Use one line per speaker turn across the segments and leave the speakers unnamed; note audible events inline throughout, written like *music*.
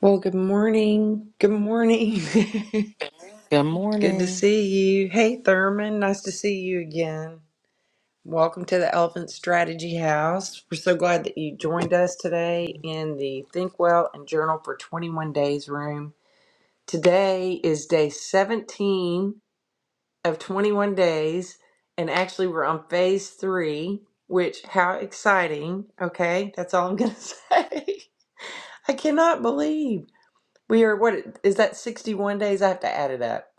Well, good morning. Good morning.
Good
*laughs* Good to
morning.
see you. Hey, Thurman. Nice to see you again. Welcome to the Elephant Strategy House. We're so glad that you joined us today in the Think Well and Journal for 21 Days room. Today is day 17 of 21 days, and actually, we're on phase three, which, how exciting. Okay, that's all I'm going to *laughs* say. I cannot believe. We are what is that 61 days? I have to add it up.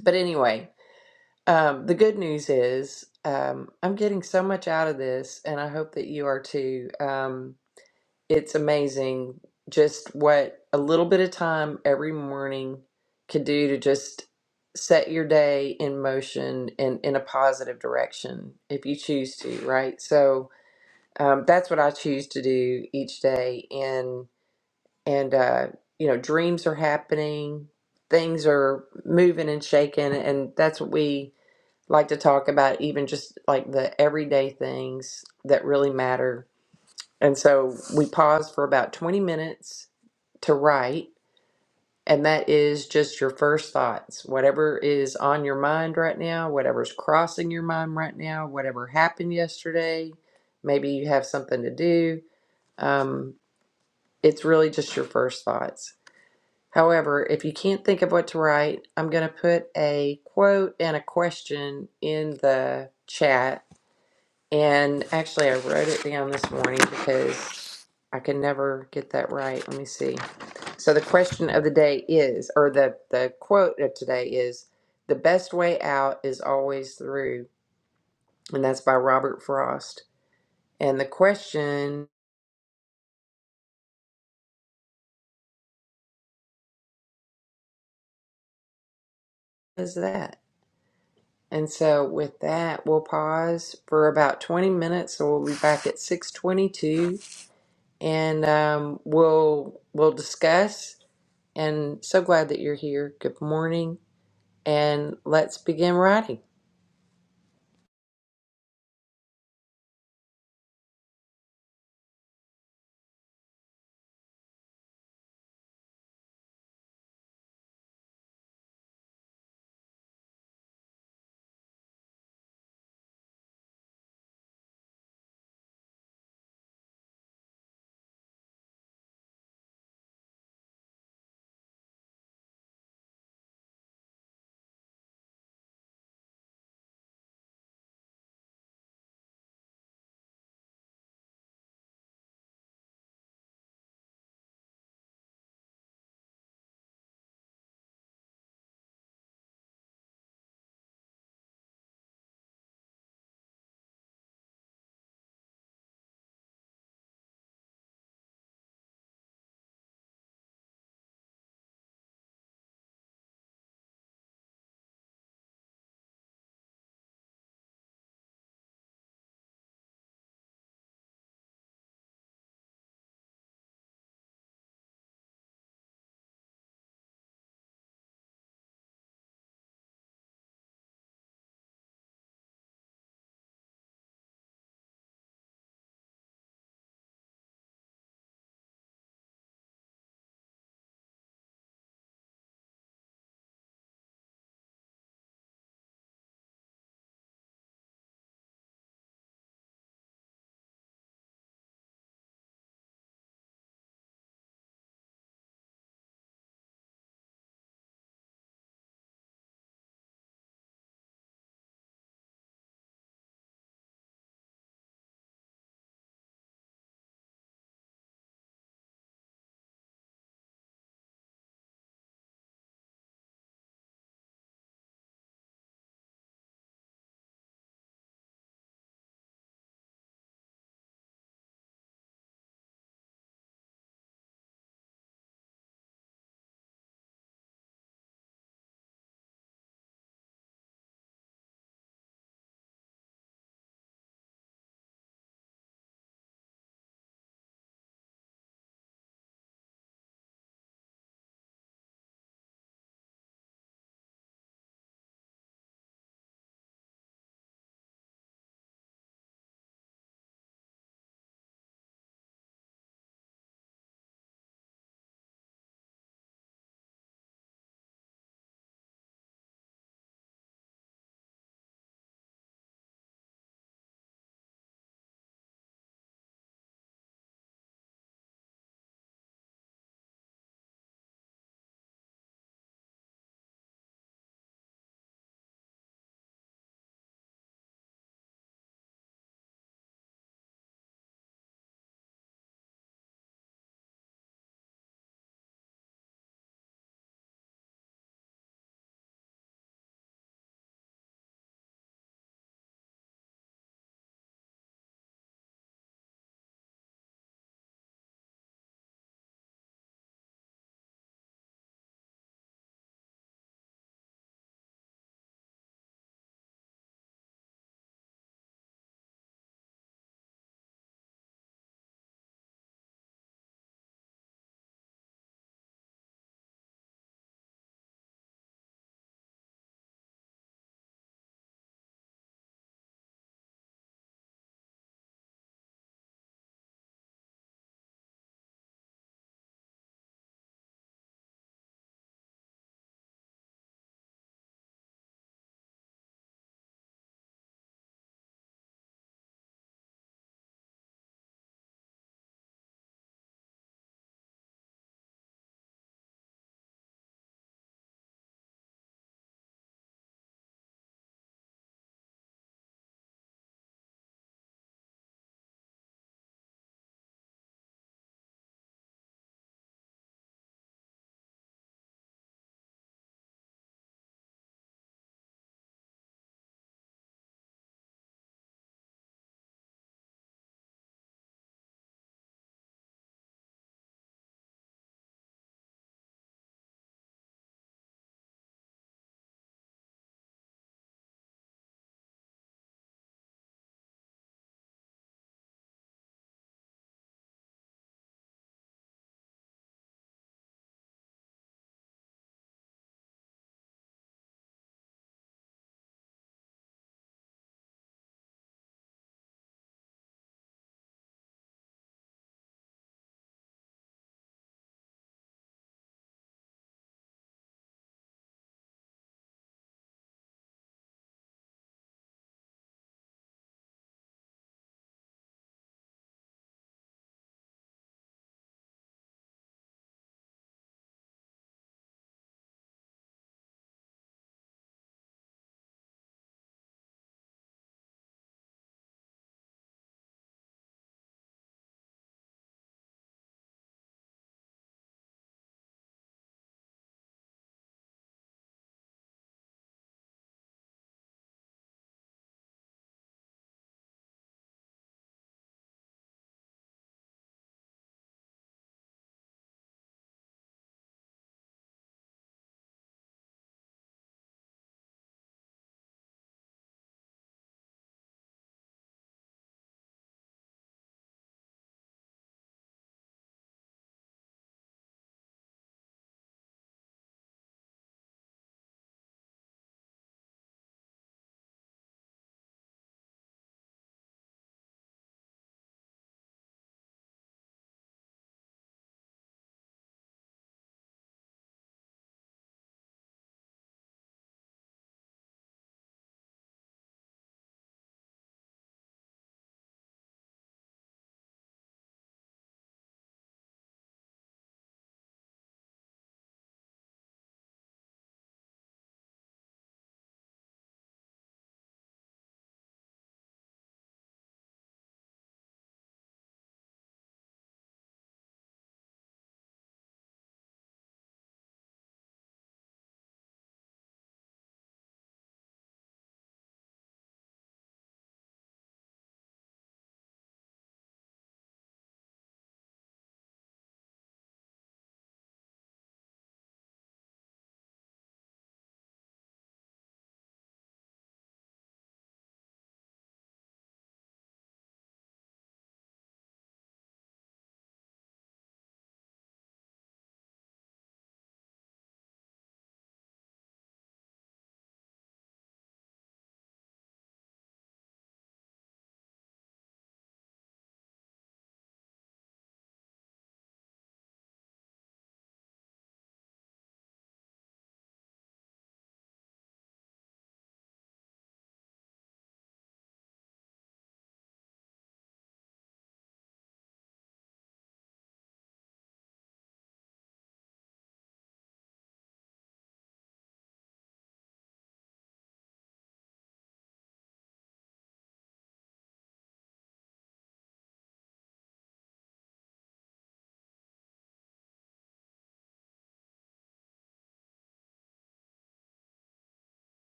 But anyway, um, the good news is um, I'm getting so much out of this, and I hope that you are too. Um, it's amazing just what a little bit of time every morning can do to just set your day in motion and in a positive direction if you choose to, right? So um, that's what I choose to do each day. And and uh, you know dreams are happening things are moving and shaking and that's what we like to talk about even just like the everyday things that really matter and so we pause for about 20 minutes to write and that is just your first thoughts whatever is on your mind right now whatever's crossing your mind right now whatever happened yesterday maybe you have something to do um, it's really just your first thoughts However, if you can't think of what to write, I'm going to put a quote and a question in the chat. And actually, I wrote it down this morning because I can never get that right. Let me see. So, the question of the day is, or the, the quote of today is, the best way out is always through. And that's by Robert Frost. And the question is that. And so with that, we'll pause for about 20 minutes. So we'll be back at 622 and um, we'll we'll discuss. And so glad that you're here. Good morning. And let's begin writing.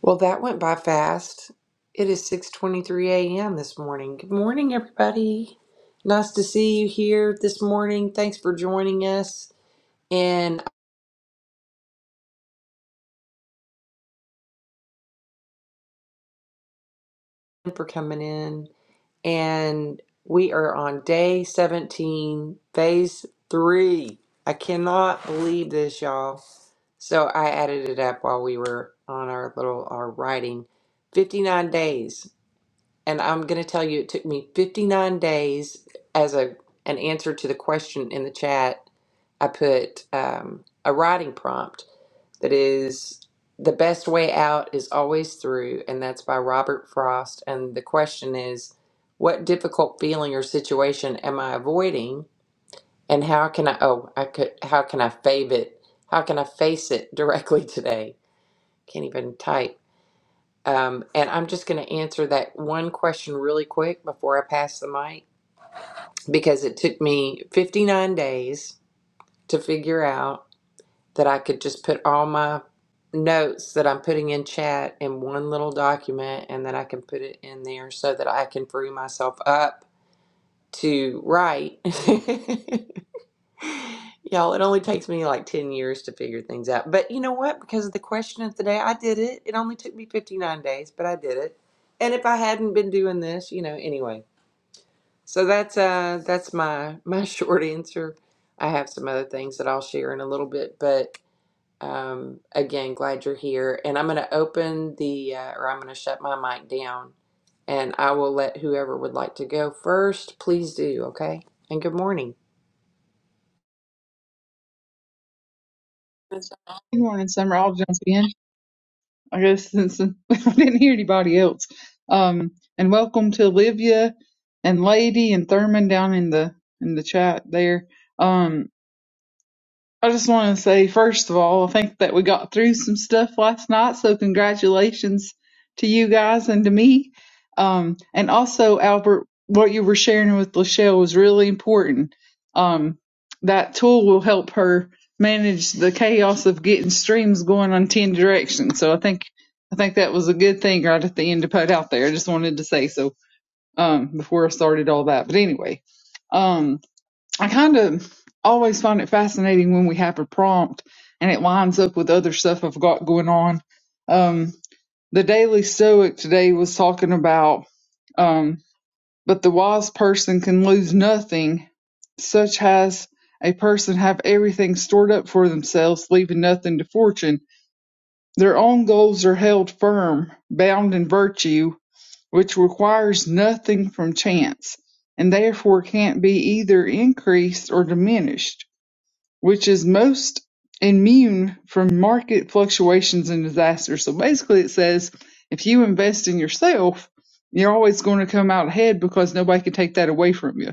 Well, that went by fast. It is 6:23 a.m. this morning. Good morning, everybody. Nice to see you here this morning. Thanks for joining us and for coming in. and we are on day 17, phase three. I cannot believe this, y'all. So I added it up while we were on our little our writing. 59 days. And I'm going to tell you it took me 59 days as a an answer to the question in the chat. I put um, a writing prompt that is The Best Way Out is Always Through, and that's by Robert Frost. And the question is, what difficult feeling or situation am I avoiding? And how can I oh I could how can I fave it? How can I face it *laughs* directly today? Can't even type. Um, and I'm just going to answer that one question really quick before I pass the mic because it took me 59 days to figure out that I could just put all my notes that I'm putting in chat in one little document and then I can put it in there so that I can free myself up to write. *laughs* Y'all, it only takes me like 10 years to figure things out. But you know what? Because of the question of the day, I did it. It only took me 59 days, but I did it. And if I hadn't been doing this, you know, anyway. So that's uh that's my my *laughs* short answer. I have some other things that I'll share in a little bit, but um, again, glad you're here. And I'm going to open the, uh, or I'm going to shut my mic down and I will let whoever would like to go first, please do. Okay. And good morning.
Good morning, Summer. I'll jump in, I guess, since *laughs* I didn't hear anybody else. Um, and welcome to Olivia and Lady and Thurman down in the in the chat there. Um, I just want to say, first of all, I think that we got through some stuff last night, so congratulations to you guys and to me. Um, and also, Albert, what you were sharing with Lachelle was really important. Um, that tool will help her manage the chaos of getting streams going on ten directions. So I think I think that was a good thing right at the end to put out there. I just wanted to say so um, before I started all that. But anyway. um, I kind of always find it fascinating when we have a prompt and it lines up with other stuff I've got going on. Um, the Daily Stoic today was talking about, um, but the wise person can lose nothing, such as a person have everything stored up for themselves, leaving nothing to fortune. Their own goals are held firm, bound in virtue, which requires nothing from chance, and therefore can't be either increased or diminished which is most immune from market fluctuations and disasters. So basically, it says if you invest in yourself, you're always going to come out ahead because nobody can take that away from you.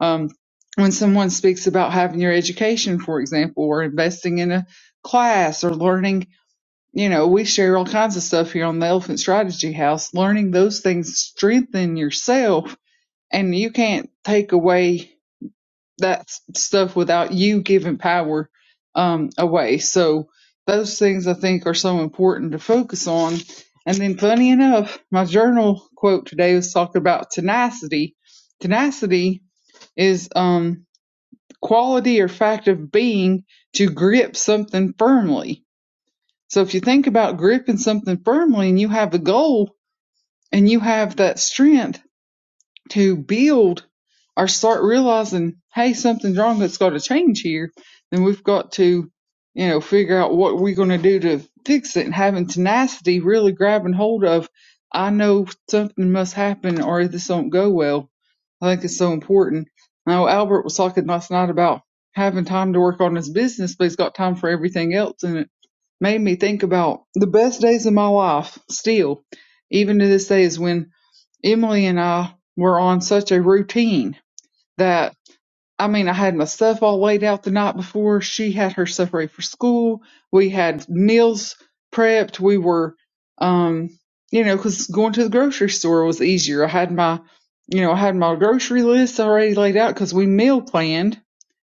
Um, when someone speaks about having your education, for example, or investing in a class or learning, you know, we share all kinds of stuff here on the Elephant Strategy House. Learning those things strengthen yourself, and you can't take away that stuff without you giving power um, away. So those things I think are so important to focus on. And then, funny enough, my journal quote today was talking about tenacity. Tenacity is um, quality or fact of being to grip something firmly. So if you think about gripping something firmly and you have a goal and you have that strength to build or start realizing, hey, something's wrong. that has got to change here. Then we've got to, you know, figure out what we're going to do to fix it and having tenacity, really grabbing hold of, I know something must happen or this won't go well. I think it's so important. Now, Albert was talking last night about having time to work on his business, but he's got time for everything else. And it made me think about the best days of my life still, even to this day, is when Emily and I were on such a routine that I mean, I had my stuff all laid out the night before. She had her stuff ready for school. We had meals prepped. We were, um, you know, because going to the grocery store was easier. I had my, you know, I had my grocery list already laid out because we meal planned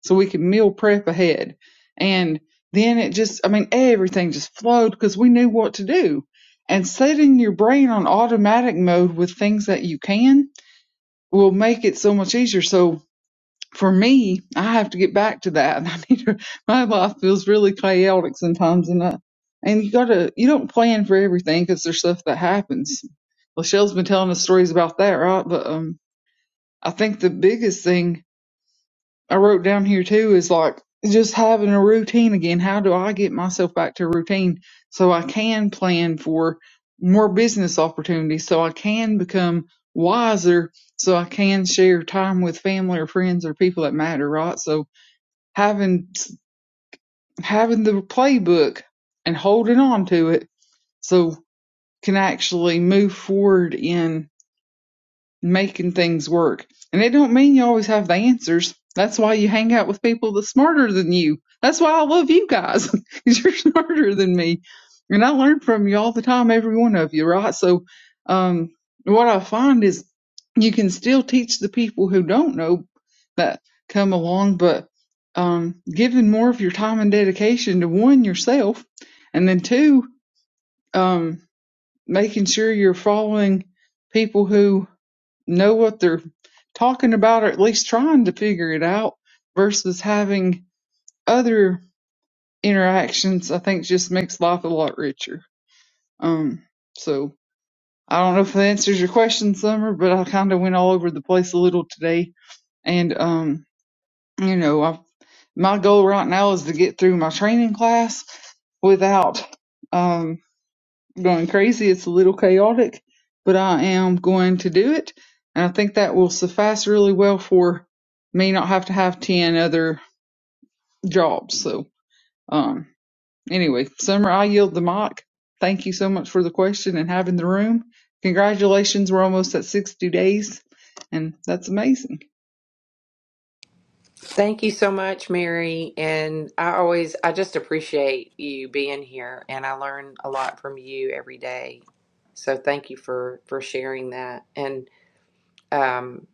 so we could meal prep ahead. And then it just, I mean, everything just flowed because we knew what to do. And setting your brain on automatic mode with things that you can will make it so much easier. So for me, I have to get back to that. *laughs* I need to, my life feels really chaotic sometimes, and I, and you gotta you don't plan for everything because there's stuff that happens. Lachelle's been telling us stories about that, right? But um, I think the biggest thing I wrote down here too is like just having a routine again. How do I get myself back to a routine so I can plan for more business opportunities, so I can become wiser, so I can share time with family or friends or people that matter, right? So having having the playbook and holding on to it so can actually move forward in making things work. And it don't mean you always have the answers. That's why you hang out with people that's smarter than you. That's why I love you guys, *laughs* because you're smarter than me. And I learn from you all the time, every one of you, right? So, um, what I find is you can still teach the people who don't know that come along, but um, giving more of your time and dedication to one, yourself, and then two, um, making sure you're following people who know what they're talking about or at least trying to figure it out versus having other interactions i think just makes life a lot richer um so i don't know if that answers your question summer but i kind of went all over the place a little today and um you know i my goal right now is to get through my training class without um, going crazy. It's a little chaotic, but I am going to do it. And I think that will suffice really well for me not have to have 10 other jobs. So, um, anyway, Summer, I yield the mic. Thank you so much for the question and having the room. Congratulations. We're almost at 60 days and that's amazing.
Thank you so much, Mary. And I always, I just appreciate you being here and I learn a lot from you every day. So thank you for, for sharing that. And, um,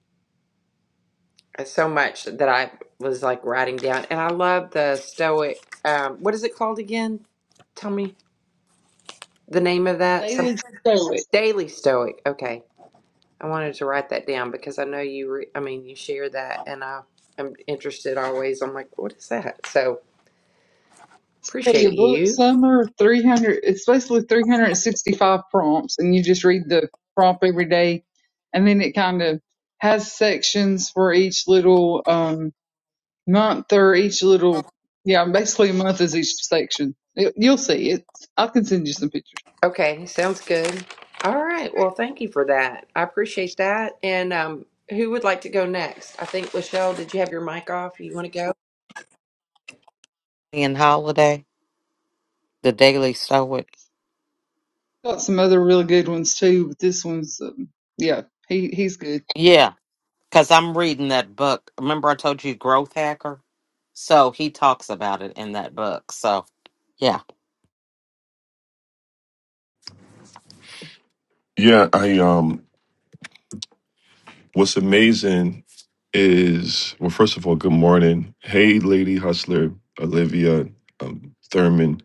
so much that I was like writing down and I love the stoic, um, what is it called again? Tell me. the name of that? Some,
Daily stoic.
Daily Stoic. Okay. I wanted to write that down because I know you, re, I mean, you share that and I, am interested always. I'm like, what is that? So
Hey,
appreciate
your book
you.
summer 300, it's basically 365 prompts, and you just read the prompt every day. And then it kind of has sections for each little um, month or each little, yeah, basically a month is each section. It, you'll see it. I can send you some pictures.
Okay. Sounds good. All right. Well, thank you for that. I appreciate that. And um, who would like to go next? I think, Lachelle, did you have your mic off? You want to go?
And Holiday, the Daily Stoic.
Got some other really good ones too, but this one's, um, yeah, he he's good.
Yeah, because I'm reading that book. Remember, I told you Growth Hacker? So he talks about it in that book. So, yeah,
Yeah, I um what's amazing is well, first of all, good morning. Hey Lady Hustler, Olivia, um, Thurman.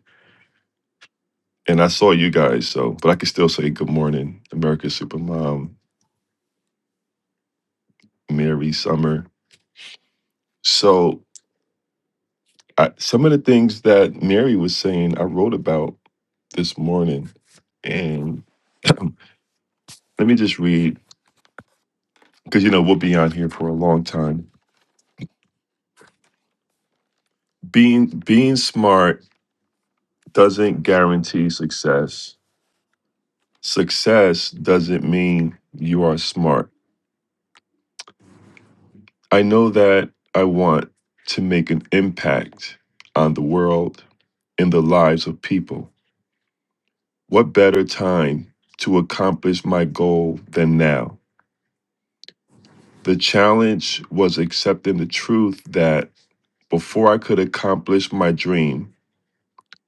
And I saw you guys, so but I can still say good morning, America's Supermom, Mary Summer. So I, some of the things that Mary was saying, I wrote about this morning. And *clears throat* let me just read, because you know, we'll be on here for a long time. Being being smart doesn't guarantee success Success doesn't mean you are smart. I know that I want to make an impact on the world and the lives of people. What better time to accomplish my goal than now? The challenge was accepting the truth that before I could accomplish my dream,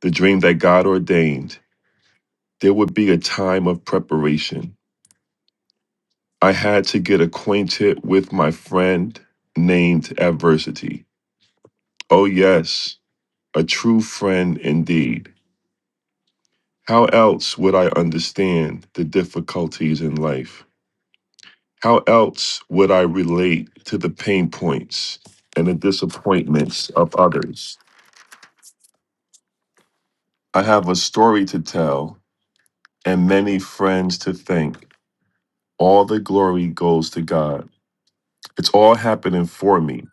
the dream that God ordained, there would be a time of preparation. I had to get acquainted with my friend named adversity. Oh, yes, a true friend indeed. How else would I understand the difficulties in life? How else would I relate to the pain points and the disappointments of others? I have a story to tell and many friends to thank. All the glory goes to God. It's all happening for me.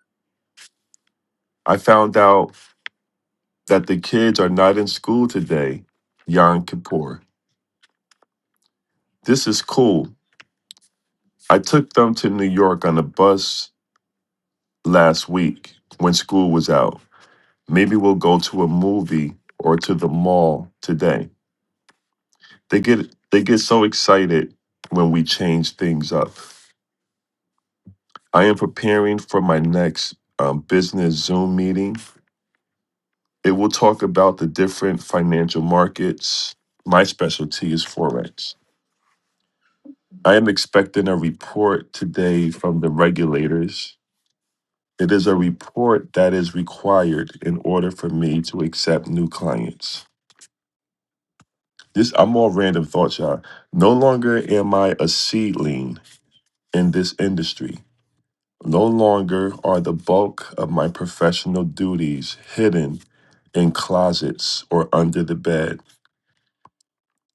I found out that the kids are not in school today, Yom Kippur. This is cool. I took them to New York on a bus last week when school was out. Maybe we'll go to a movie or to the mall today. They get they get so excited when we change things up. I am preparing for my next um, business Zoom meeting. It will talk about the different financial markets. My specialty is forex. I am expecting a report today from the regulators. It is a report that is required in order for me to accept new clients. This I'm all random thoughts, y'all. No longer am I a seedling in this industry. No longer are the bulk of my professional duties hidden in closets or under the bed.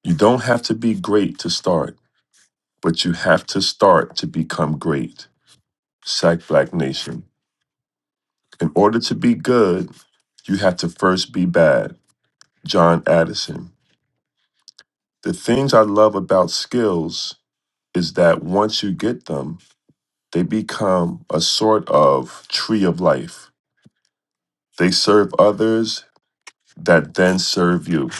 You don't have to be great to start, but you have to start to become great. Sack Black Nation. In order to be good, you have to first be bad. John Addison. The things I love about skills is that once you get them, They become a sort of tree of life. They serve others that then serve you.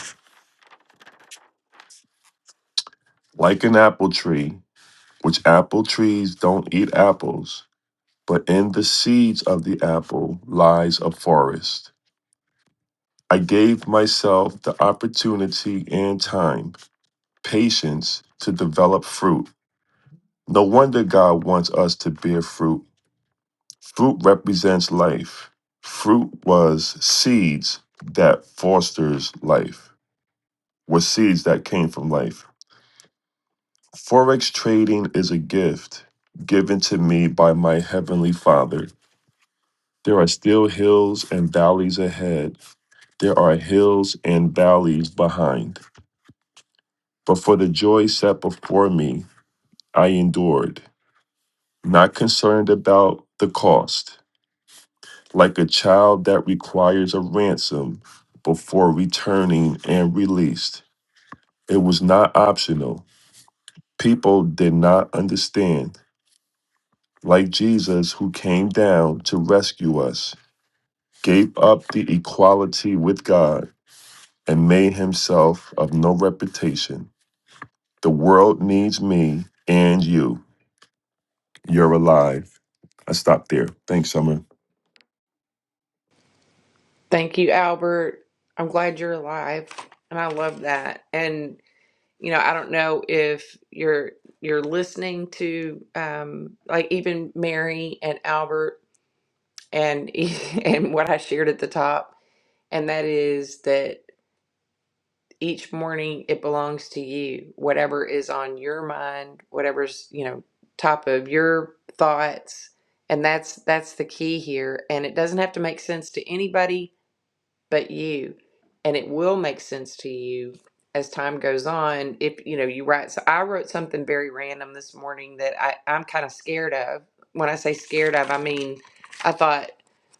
Like an apple tree, which apple trees don't eat apples, but in the seeds of the apple lies a forest. I gave myself the opportunity and time, patience to develop fruit. No wonder God wants us to bear fruit. Fruit represents life. Fruit was seeds that fosters life. with seeds that came from life. Forex trading is a gift given to me by my Heavenly Father. There are still hills and valleys ahead, there are hills and valleys behind. But for the joy set before me, I endured, not concerned about the cost, like a child that requires a ransom before returning and released. It was not optional. People did not understand like Jesus, who came down to rescue us, gave up the equality with God, and made himself of no reputation. The world needs me and you. You're alive. I stopped there. Thanks, Summer.
Thank you, Albert. I'm glad you're alive. And I love that. And. you know, I don't know if you're you're listening to um, like even Mary and Albert and *laughs* and what I shared at the top, and that is that each morning it belongs to you. Whatever is on your mind, whatever's you know top of your thoughts, and that's that's the key here. And it doesn't have to make sense to anybody but you and it will make sense to you as time goes on if you know you write so i wrote something very random this morning that I, i'm kind of scared of when i say scared of i mean i thought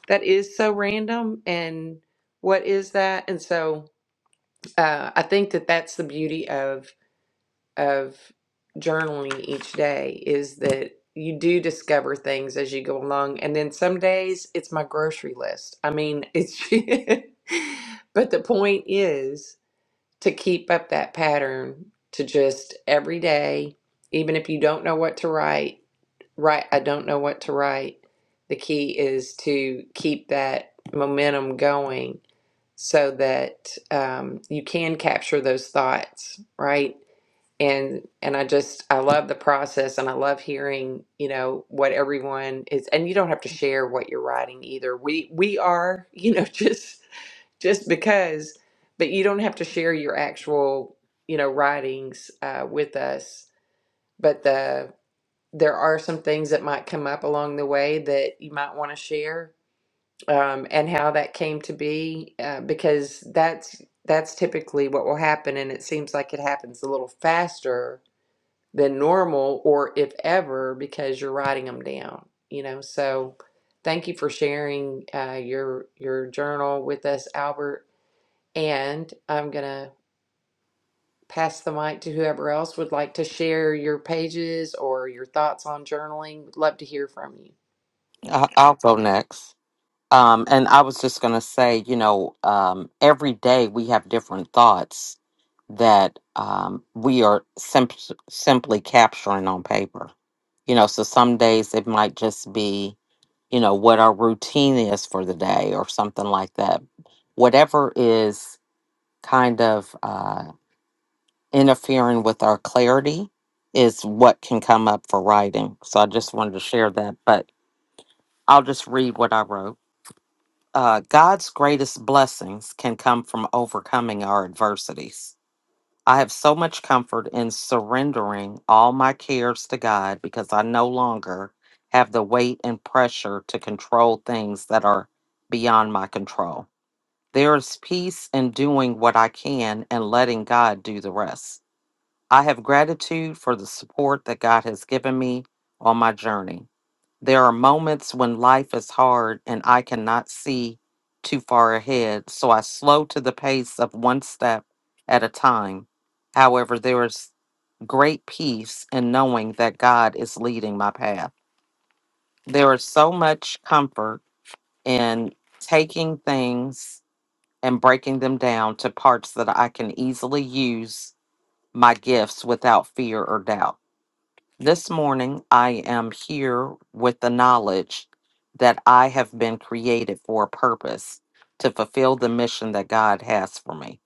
that is so random and what is that and so uh, i think that that's the beauty of of journaling each day is that you do discover things as you go along. And then some days it's my grocery list. I mean, it's, *laughs* but the point is to keep up that pattern to just every day, even if you don't know what to write, write, I don't know what to write. The key is to keep that momentum going so that um, you can capture those thoughts, right? and and I just I love the process and I love hearing, you know, what everyone is and you don't have to share what you're writing either. We we are, you know, *laughs* just just because but you don't have to share your actual, you know, writings uh with us. But the there are some things that might come up along the way that you might want to share um and how that came to be uh, because that's that's typically what will happen and it seems like it happens a little faster than normal or if ever because you're writing them down you know so thank you for sharing uh, your your journal with us albert and i'm gonna pass the mic to whoever else would like to share your pages or your thoughts on journaling would love to hear from you
I- I'll go next. Um, and I was just going to say, you know, um, every day we have different thoughts that um, we are simp- simply capturing on paper. You know, so some days it might just be you know, what our routine is for the day or something like that. Whatever is kind of uh, interfering with our clarity is what can come up for writing. So I just wanted to share that, but I'll just read what I wrote. Uh, God's greatest blessings can come from overcoming our adversities. I have so much comfort in surrendering all my cares to God because I no longer have the weight and pressure to control things that are beyond my control. There is peace in doing what I can and letting God do the rest. I have gratitude for the support that God has given me on my journey. There are moments when life is hard and I cannot see too far ahead, so I slow to the pace of one step at a time. However, there is great peace in knowing that God is leading my path. There is so much comfort in taking things and breaking them down to parts that I can easily use my gifts without fear or doubt. This morning, I am here with the knowledge that I have been created for a purpose to fulfill the mission that God has for me.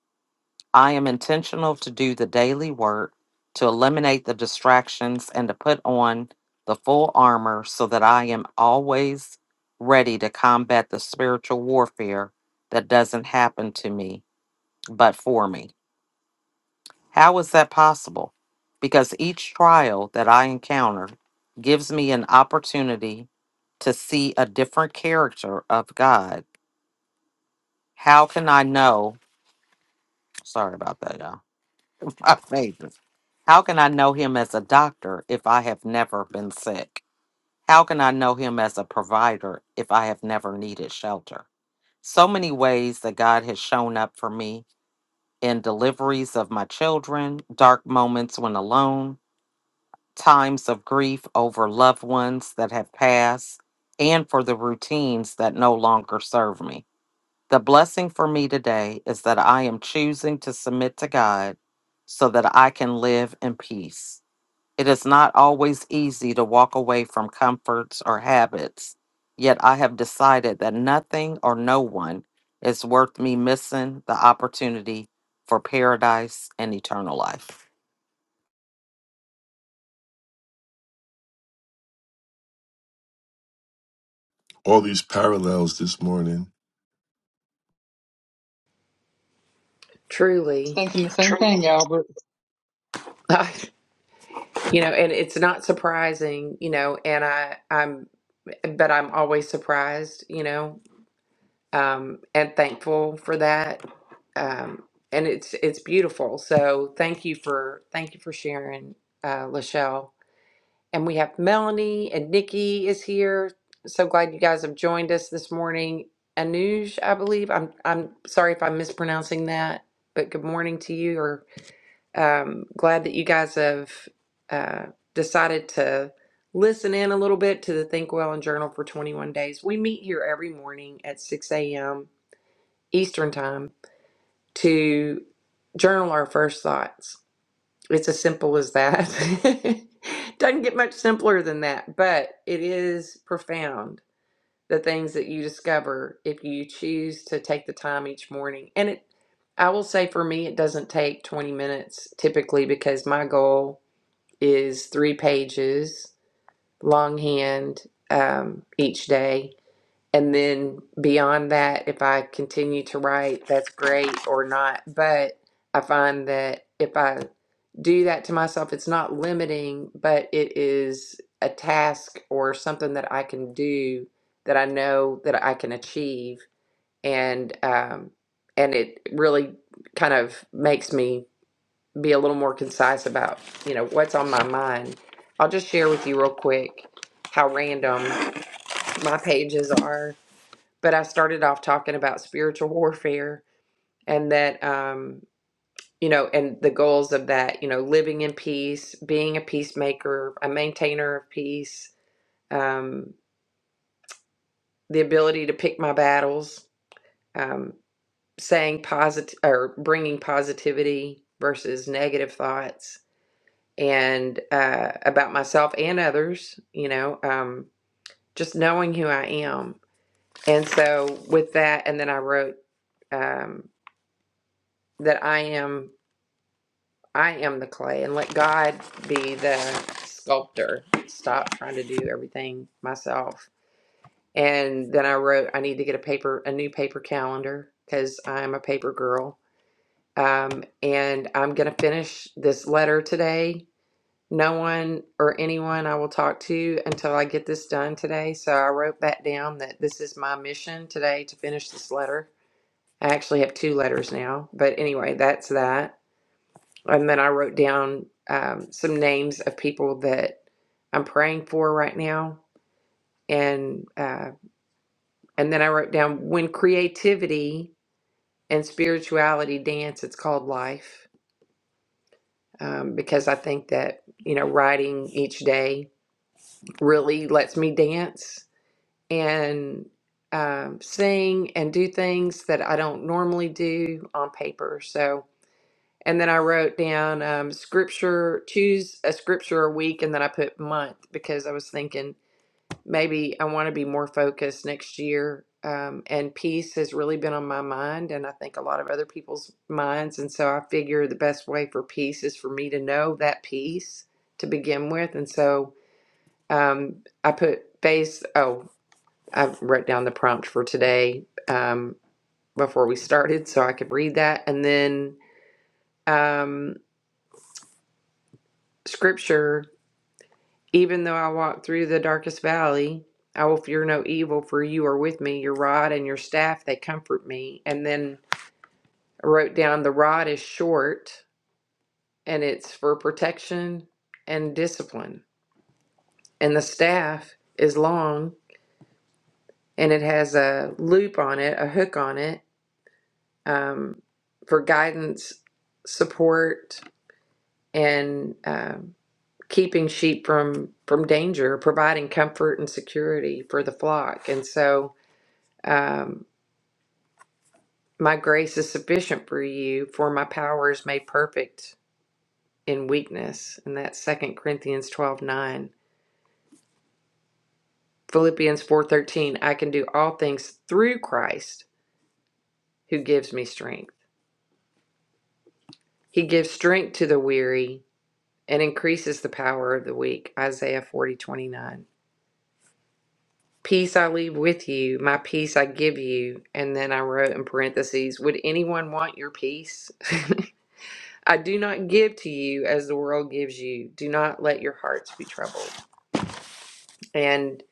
I am intentional to do the daily work to eliminate the distractions and to put on the full armor so that I am always ready to combat the spiritual warfare that doesn't happen to me, but for me. How is that possible? Because each trial that I encounter gives me an opportunity to see a different character of God. How can I know? Sorry about that, y'all. *laughs* My favorite. How can I know him as a doctor if I have never been sick? How can I know him as a provider if I have never needed shelter? So many ways that God has shown up for me in deliveries of my children, dark moments when alone, times of grief over loved ones that have passed and for the routines that no longer serve me. The blessing for me today is that I am choosing to submit to God so that I can live in peace. It is not always easy to walk away from comforts or habits, yet I have decided that nothing or no one is worth me missing the opportunity for paradise and eternal life.
All these parallels this morning.
truly
Thinking the same thing, y'all, but
*laughs* you know and it's not surprising you know and i i'm but i'm always surprised you know um and thankful for that um, and it's it's beautiful. So thank you for thank you for sharing, uh, Lachelle. And we have Melanie and Nikki is here. So glad you guys have joined us this morning. Anuj, I believe. I'm I'm sorry if I'm mispronouncing that, but good morning to you. Or um, glad that you guys have uh, decided to listen in a little bit to the Think Well and Journal for 21 Days. We meet here every morning at 6 a.m. Eastern Time to journal our first thoughts. It's as simple as that. *laughs* Doesn't get much simpler than that, but it is profound the things that you discover if you choose to take the time each morning. And it I will say for me it doesn't take 20 minutes typically because my goal is 3 pages longhand um, each day and then beyond that, if I continue to write, that's great or not. But I find that if I do that to myself, it's not limiting, but it is a task or something that I can do that I know that I can achieve. And, um, and it really kind of makes me be a little more concise about, you know, what's on my mind. I'll just share with you real quick how random my pages are but I started off talking about spiritual warfare and that, um, you know, and the goals of that, you know, living in peace, being a peacemaker, a maintainer of peace, um, the ability to pick my battles, um, saying positive or bringing positivity versus negative thoughts, and uh, about myself and others, you know, um, just knowing who I am. And so with that, and then I wrote um, that I am. I am the clay and let God be the sculptor. Stop trying to do everything myself. And then I wrote, I need to get a paper, a new paper calendar because I'm a paper girl. Um, and I'm going to finish this letter today. No one or anyone I will talk to until I get this done today. So I wrote that down that this is my mission today to finish this letter. I actually have two letters now, but anyway, that's that. And then I wrote down um, some names of people that I'm praying for right now. And uh, and then I wrote down when creativity and spirituality dance, it's called life. Um, because I think that, you know, writing each day really lets me dance and um, sing and do things that I don't normally do on paper. So, And then I wrote down um, scripture, choose a scripture a week, and then I put month because I was thinking maybe I want to be more focused next year. Um, and peace has really been on my mind, and I think a lot of other people's minds. And so I figure the best way for peace is for me to know that peace to begin with. And so um, I put face, oh, I wrote down the prompt for today um, before we started so I could read that. And then um, scripture Even though I walk through the darkest valley, I will fear no evil, for you are with me. Your rod and your staff, they comfort me. And then I wrote down the rod is short and it's for protection and discipline. And the staff is long and it has a loop on it, a hook on it um, for guidance, support, and um, keeping sheep from, from danger, providing comfort and security for the flock. And so Um, my grace is sufficient for you, for my power is made perfect in weakness. And that's Second Corinthians 12 9, Philippians 4 13. I can do all things through Christ who gives me strength. He gives strength to the weary and increases the power of the weak. Isaiah 40 29. Peace I leave with you, my peace I give you. And then I wrote in parentheses, Would anyone want your peace? *laughs* I do not give to you as the world gives you. Do not let your hearts be troubled, and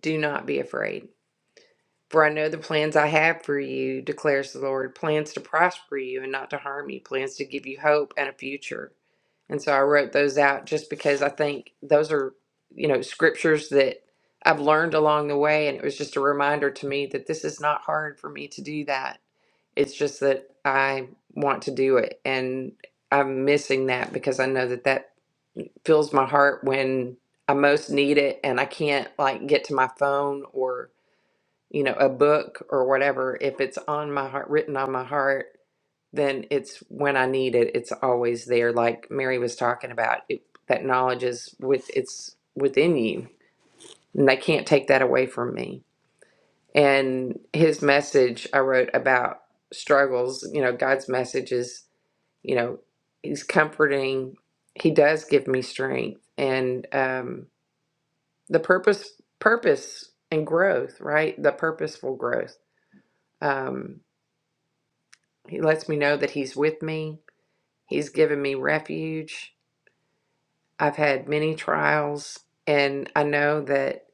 do not be afraid. For I know the plans I have for you, declares the Lord plans to prosper you and not to harm you, plans to give you hope and a future. And so I wrote those out just because I think those are, you know, scriptures that I've learned along the way. And it was just a reminder to me that this is not hard for me to do that. It's just that I want to do it. And I'm missing that because I know that that fills my heart when I most need it and I can't like get to my phone or you know a book or whatever if it's on my heart written on my heart then it's when I need it it's always there like Mary was talking about it, that knowledge is with it's within you and they can't take that away from me and his message I wrote about struggles you know God's message is you know he's comforting he does give me strength and um the purpose purpose and growth right the purposeful growth um he lets me know that he's with me he's given me refuge i've had many trials and i know that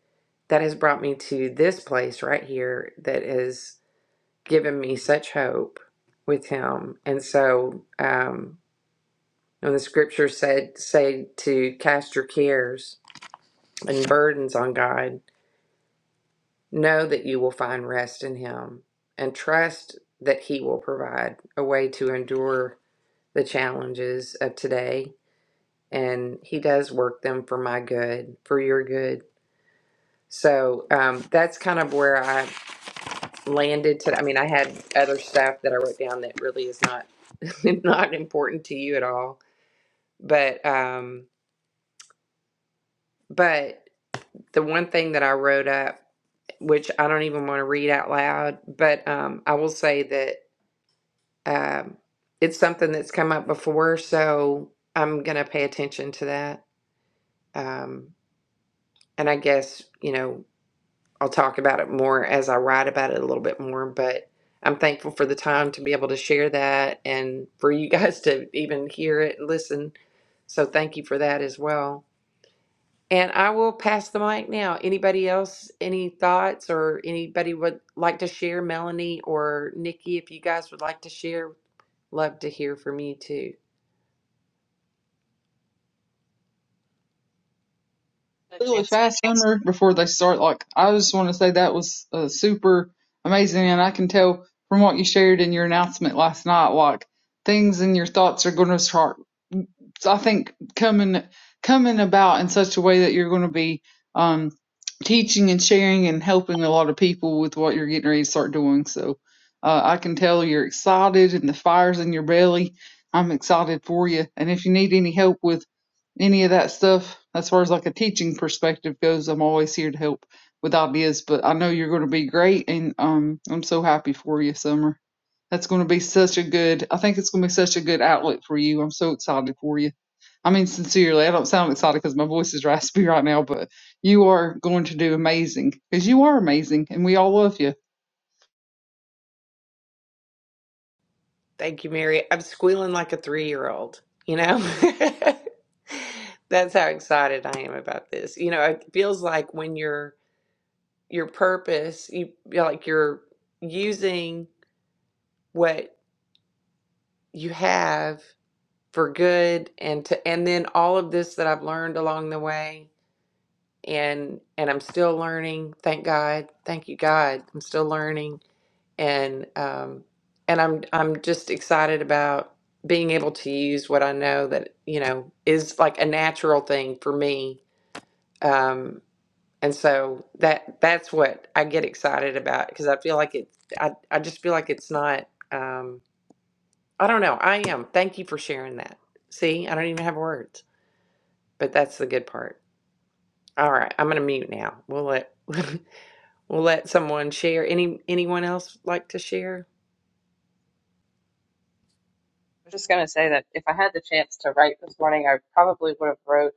that has brought me to this place right here that has given me such hope with him and so um when the scripture said say to cast your cares and burdens on god Know that you will find rest in Him and trust that He will provide a way to endure the challenges of today. And He does work them for my good, for your good. So um, that's kind of where I landed today. I mean, I had other stuff that I wrote down that really is not *laughs* not important to you at all. But um, but the one thing that I wrote up, which I don't even want to read out loud, but um, I will say that. Um, it's something that's come up before, so I'm going to pay attention to that. Um, and I guess, you know, I'll talk about it more as I write about it a little bit more, but I'm thankful for the time to be able to share that and for you *laughs* guys to even hear it and listen. So thank you for that as well. And I will pass the mic now. Anybody else, any thoughts or anybody would like to share, Melanie or Nikki, if you guys would like to share, love to hear from you too.
the
really
chance
fast hammer before they start. Like I just want to say that was uh, super amazing, and I can tell from what you shared in your announcement last night, like things in your thoughts are going to start so I think coming coming about in such a way that you're going to be um, teaching and sharing and helping a lot of people with what you're getting ready to start doing. So uh, I can tell you're excited and the fire's in your belly. I'm excited for you. And if you need any help with any of that stuff, as far as like a teaching perspective goes, I'm always here to help with ideas. But I know you're going to be great, and um, I'm so happy for you, Summer. That's going to be such a good, I think it's going to be such a good outlet for you. I'm so excited for you. I mean, sincerely, I don't sound excited because my voice is raspy *laughs* right now, but you are going to do amazing because you are amazing and we all love you.
Thank you, Mary. I'm squealing like a three year old, you know? *laughs* That's how excited I am about this. You know, it feels like when your your purpose, you you're like you're using what you have for good and to and then all of this that I've learned along the way and and I'm still learning, thank God. Thank you, God. I'm still learning and um, and I'm I'm just excited about being able to use what I know that you know is like a natural thing for me, um, and so that that's what I get excited about because I feel like it. I I just feel like it's not. Um, I don't know. I am. Thank you for sharing that. See, I don't even have words, but that's the good part. All right, I'm gonna mute now. We'll let *laughs* we'll let someone share. Any anyone else like to share?
I'm just going to say that if I had the chance to write this morning, I probably would have wrote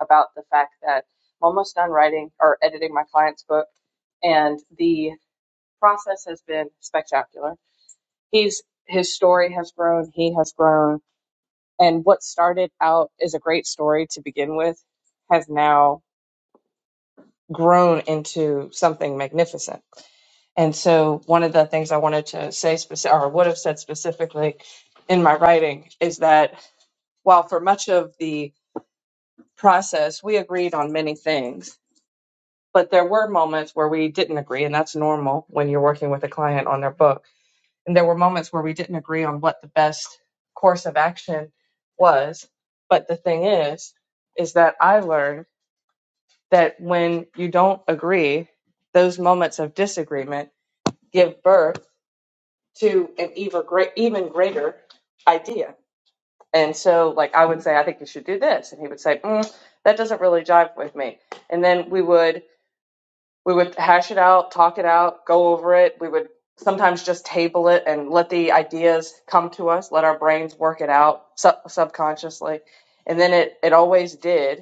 about the fact that I'm almost done writing or editing my client's book, and the process has been spectacular. He's his story has grown, he has grown, and what started out as a great story to begin with has now grown into something magnificent. And so, one of the things I wanted to say specific or would have said specifically in my writing is that While for much of the process, we agreed on many things, but there were moments where we didn't agree, and that's normal when you're working with a client on their book. And there were moments where we didn't agree on what the best course of action was. But the thing is, is that I learned that when you don't agree, those moments of disagreement give birth to an even, great, even greater idea And so, like, I would say, I think you should do this, and he would say, mm, that doesn't really jive with me. And then we would we would hash it out, talk it out, go over it. We would sometimes just table it and let the ideas come to us, let our brains work it out sub- subconsciously. And then it it always did.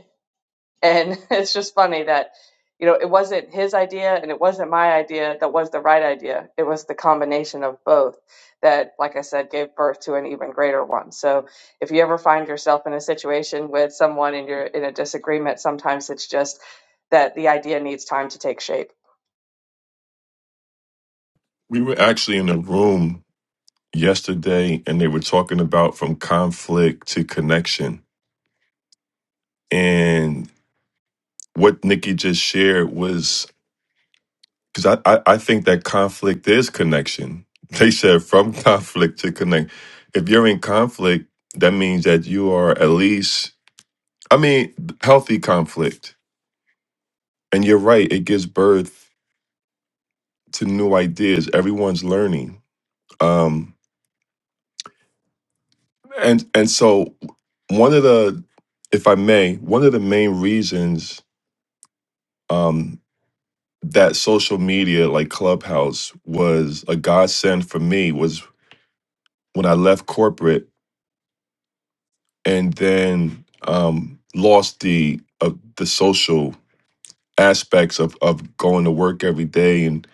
And *laughs* it's just funny that, you know, it wasn't his idea and it wasn't my idea that was the right idea. It was the combination of both that, like I said, gave birth to an even greater one. So if you ever find yourself in a situation with someone and you're in a disagreement, sometimes it's just that the idea needs time to take shape
We were actually in a room yesterday and they were talking about from conflict to connection. And what Nikki just shared was because I, I I think that conflict is connection. *laughs* They said from *laughs* conflict to connect. If you're in conflict, that means that you are at least, I mean, healthy conflict. And you're right; it gives birth to new ideas. Everyone's learning, um, and and so one of the, if I may, one of the main reasons um, that social media like Clubhouse was a godsend for me was when I left corporate and then um, lost the uh, the social aspects of, of going to work every day and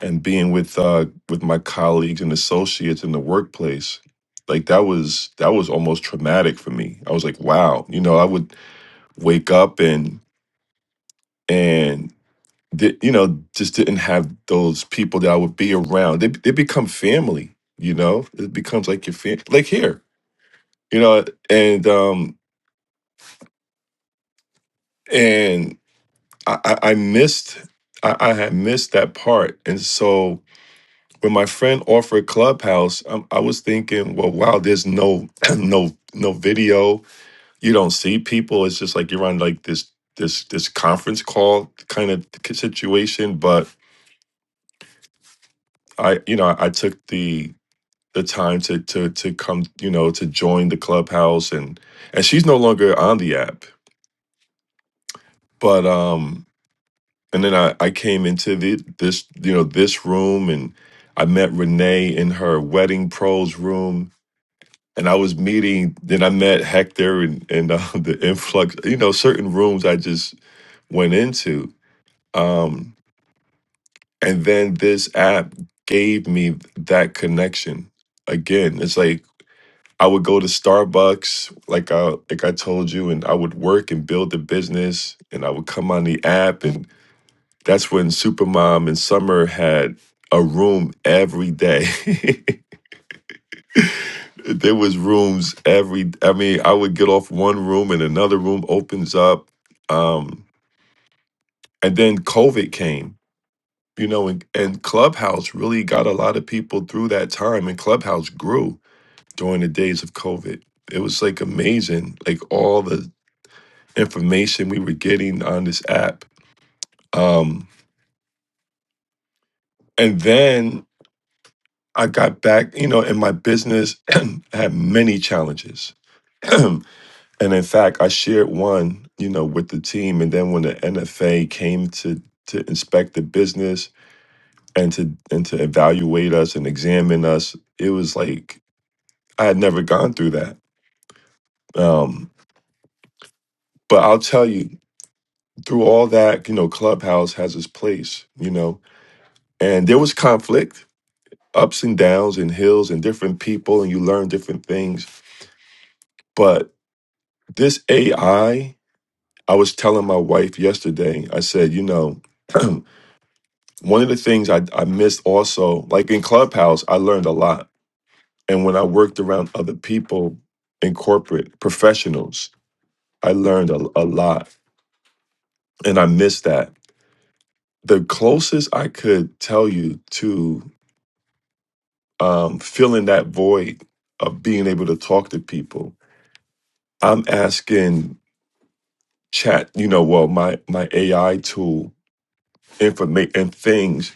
and being with uh, with my colleagues and associates in the workplace. Like that was that was almost traumatic for me. I was like, wow, you know, I would wake up and and di- you know just didn't have those people that I would be around. They they become family, you know. It becomes like your family, like here, you know, and um I, I I missed I, I had missed that part. And so when my friend offered Clubhouse, i I was thinking, well, wow, there's no *clears throat* no no video. You don't see people. It's just like you're on like this this this conference call kind of situation. But I you know I took the the time to to to come you know to join the Clubhouse and and she's no longer on the app. But um and then I, I came into the, this you know this room and I met Renee in her wedding pros room and I was meeting then I met Hector and and uh, *laughs* the influx you know certain rooms I just went into um and then this app gave me that connection again it's like I would go to Starbucks like I like I told you and I would work and build the business and I would come on the app and That's when Supermom and Summer had a room every day. *laughs* there was rooms every I mean, I would get off one room and another room opens up. Um, and then COVID came, you know, and, and Clubhouse really got a lot of people through that time and Clubhouse grew during the days of COVID. It was like amazing, like all the information we were getting on this app. Um, and then I got back, you know, in my business, *clears throat* I had many challenges. *clears throat* and in fact, I shared one, you know, with the team. And then when the NFA came to to inspect the business and to and to evaluate us and examine us, it was like I had never gone through that. Um, but I'll tell you, through all that, you know, Clubhouse has its place, you know, and there was conflict, ups and downs and hills and different people, and you learn different things. But this AI I was telling my wife yesterday, I said, you know, *clears throat* one of the things I, I missed also, like in Clubhouse, I learned a lot. And when I worked around other people in corporate professionals, I learned a, a lot. And I missed that. The closest I could tell you to um, filling that void of being able to talk to people, I'm asking chat, you know, well, my, my AI tool, information, and things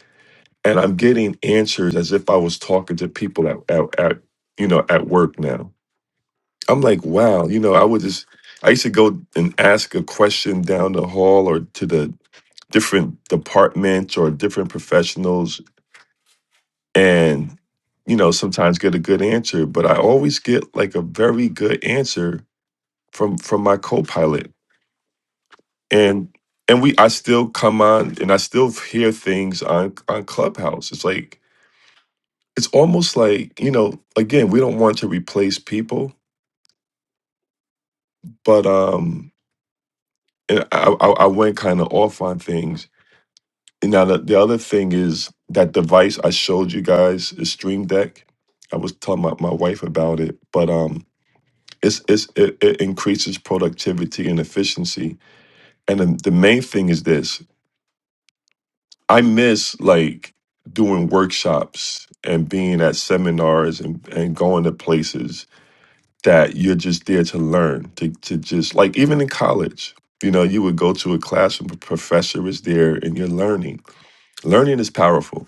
and I'm getting answers as if I was talking to people at, at, at you know at work now. I'm like, wow, you know, I would just I used to go and ask a question down the hall or to the different departments or different professionals and you know sometimes get a good answer but i always get like a very good answer from from my co-pilot and and we i still come on and i still hear things on on clubhouse it's like it's almost like you know again we don't want to replace people but um and i i, I went kind of off on things and now the, the other thing is that device i showed you guys is stream deck i was telling my, my wife about it but um it's, it's it, it increases productivity and efficiency and the, the main thing is this i miss like doing workshops and being at seminars and, and going to places that you're just there to learn, to to just like even in college, you know, you would go to a class and the professor is there and you're learning. Learning is powerful.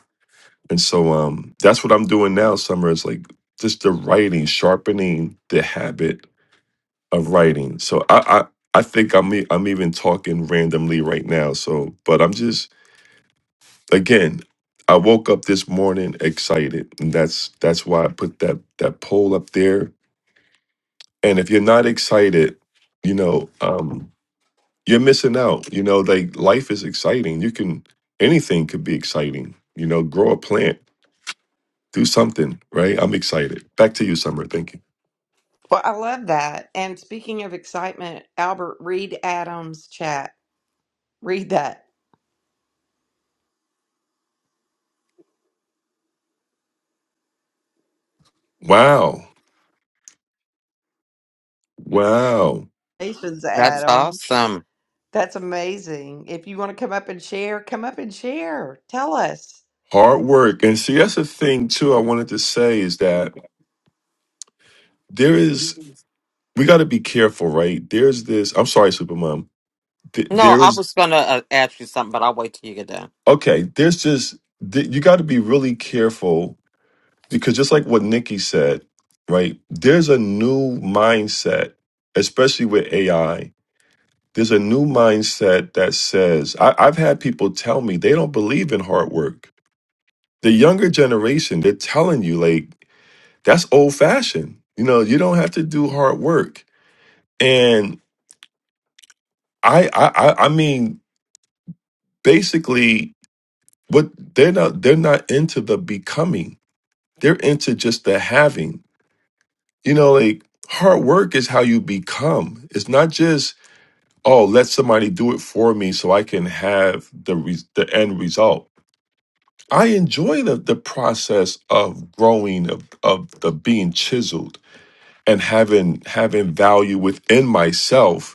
And so um that's what I'm doing now, Summer, is like just the writing, sharpening the habit of writing. So I I, I think I'm e- I'm even talking randomly right now. So but I'm just again I woke up this morning excited, and that's that's why I put that that poll up there and if you're not excited you know um you're missing out you know like life is exciting you can anything could be exciting you know grow a plant do something right i'm excited back to you summer thank you
Well, I love that. And speaking of excitement, Albert, read Adam's chat. Read that.
wow wow
Congratulations,
That's
Adam.
awesome.
That's amazing. If you want to come up and share, come up and share. Tell us.
hard work and see that's the thing too i wanted to say is that there is we got to be careful right there's this i'm sorry supermom Th-
No,
there
I
is
was going to uh, ask you something, but I'll wait till you get done.
okay there's just th- you got to be really careful because just like what Nikki said, right? There's a new mindset, especially with AI. There's a new mindset that says I, I've had people tell me they don't believe in hard work. The younger generation, they're telling you like that's old fashioned. You know, you don't have to do hard work. And I, I, I I mean, basically, what they're not they're not into the becoming. They're into just the having You know, like hard work is how you become. It's not just, oh, let somebody do it for me so I can have the re- the end result. I enjoy the the process of growing of of the being chiseled and having having value within myself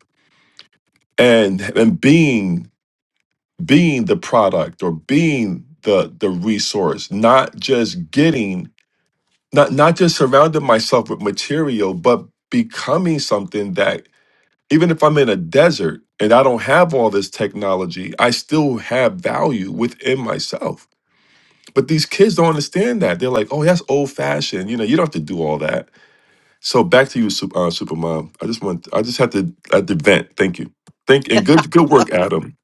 and and being being the product or being the the resource, not just getting not not just surrounding myself with material, but becoming something that Even if I'm in a desert and I don't have all this technology, I still have value within myself. But these kids don't understand that. They're like, "Oh, that's old fashioned. You know, you don't have to do all that." So back to you, Sup- uh, Supermom. I just want, I just have to, I had to vent. Thank you. Thank and good, good work, Adam.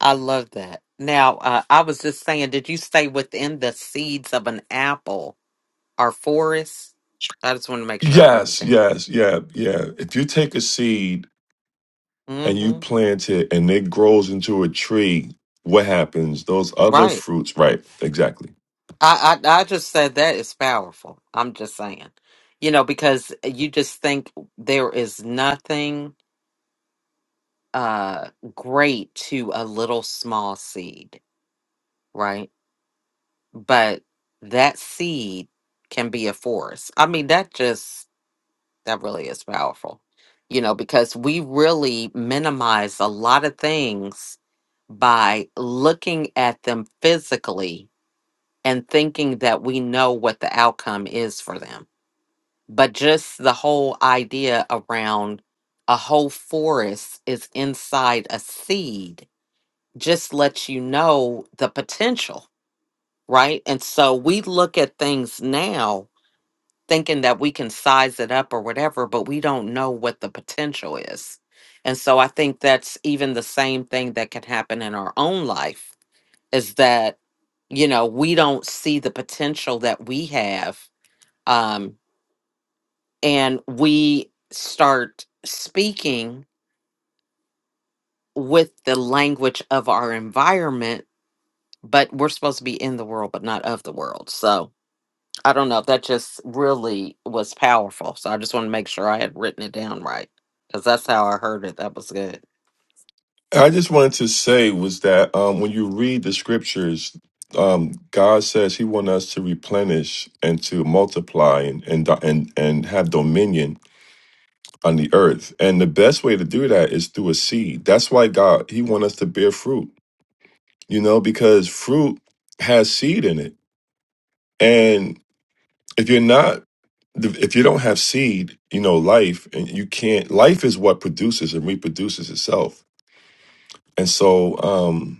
I love that. Now, uh, I was just saying, did you say within the seeds of an apple are forests? I just wanted to make sure I wrote it
Yes,
down.
yes, yeah, yeah. If you take a seed and you
hmm
plant it and it grows into a tree, what happens? Those other
Right.
fruits, right? Exactly.
I, I I just said that is powerful. I'm just saying, you know, because you just think there is nothing uh great to a little small seed, right? But that seed can be a forest. I mean, that just That really is powerful. You know, because we really minimize a lot of things by looking at them physically and thinking that we know what the outcome is for them. But just the whole idea around a whole forest is inside a seed just lets you know the potential, right? And so we look at things now thinking that we can size it up or whatever, but we don't know what the potential is. And so I think that's even the same thing that can happen in our own life is that, you know, we don't see the potential that we have. Um, and we start speaking with the language of our environment, but we're supposed to be in the world, but not of the world. So, I don't know. That just really was powerful. So I just want to make sure I had written it down right because that's how I heard it. That was good.
I just wanted to say was that um, when you read the scriptures, um, God says He wants us to replenish and to multiply and and and and have dominion on the earth. And the best way to do that is through a seed. That's why God He wants us to bear fruit. You know, because fruit has seed in it, and if you're not if you don't have seed, you know, life and you can't life is what produces and reproduces itself. And so, um,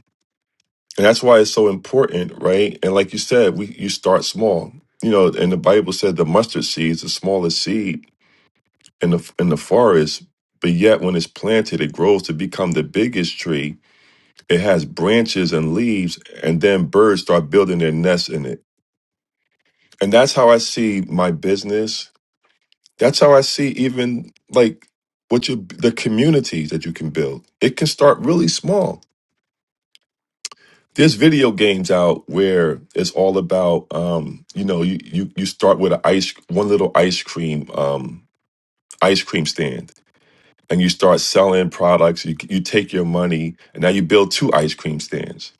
And that's why it's so important, right? And like you said, we you start small. You know, and the Bible said the mustard seed is the smallest seed in the in the forest, but yet when it's planted, it grows to become the biggest tree. It has branches and leaves, and then birds start building their nests in it. And that's how I see my business. That's how I see even like what you the communities that you can build. It can start really small there's video games out where it's all about um you know you you, you start with an ice one little ice cream um ice cream stand and you start selling products you you take your money and now you build two ice cream stands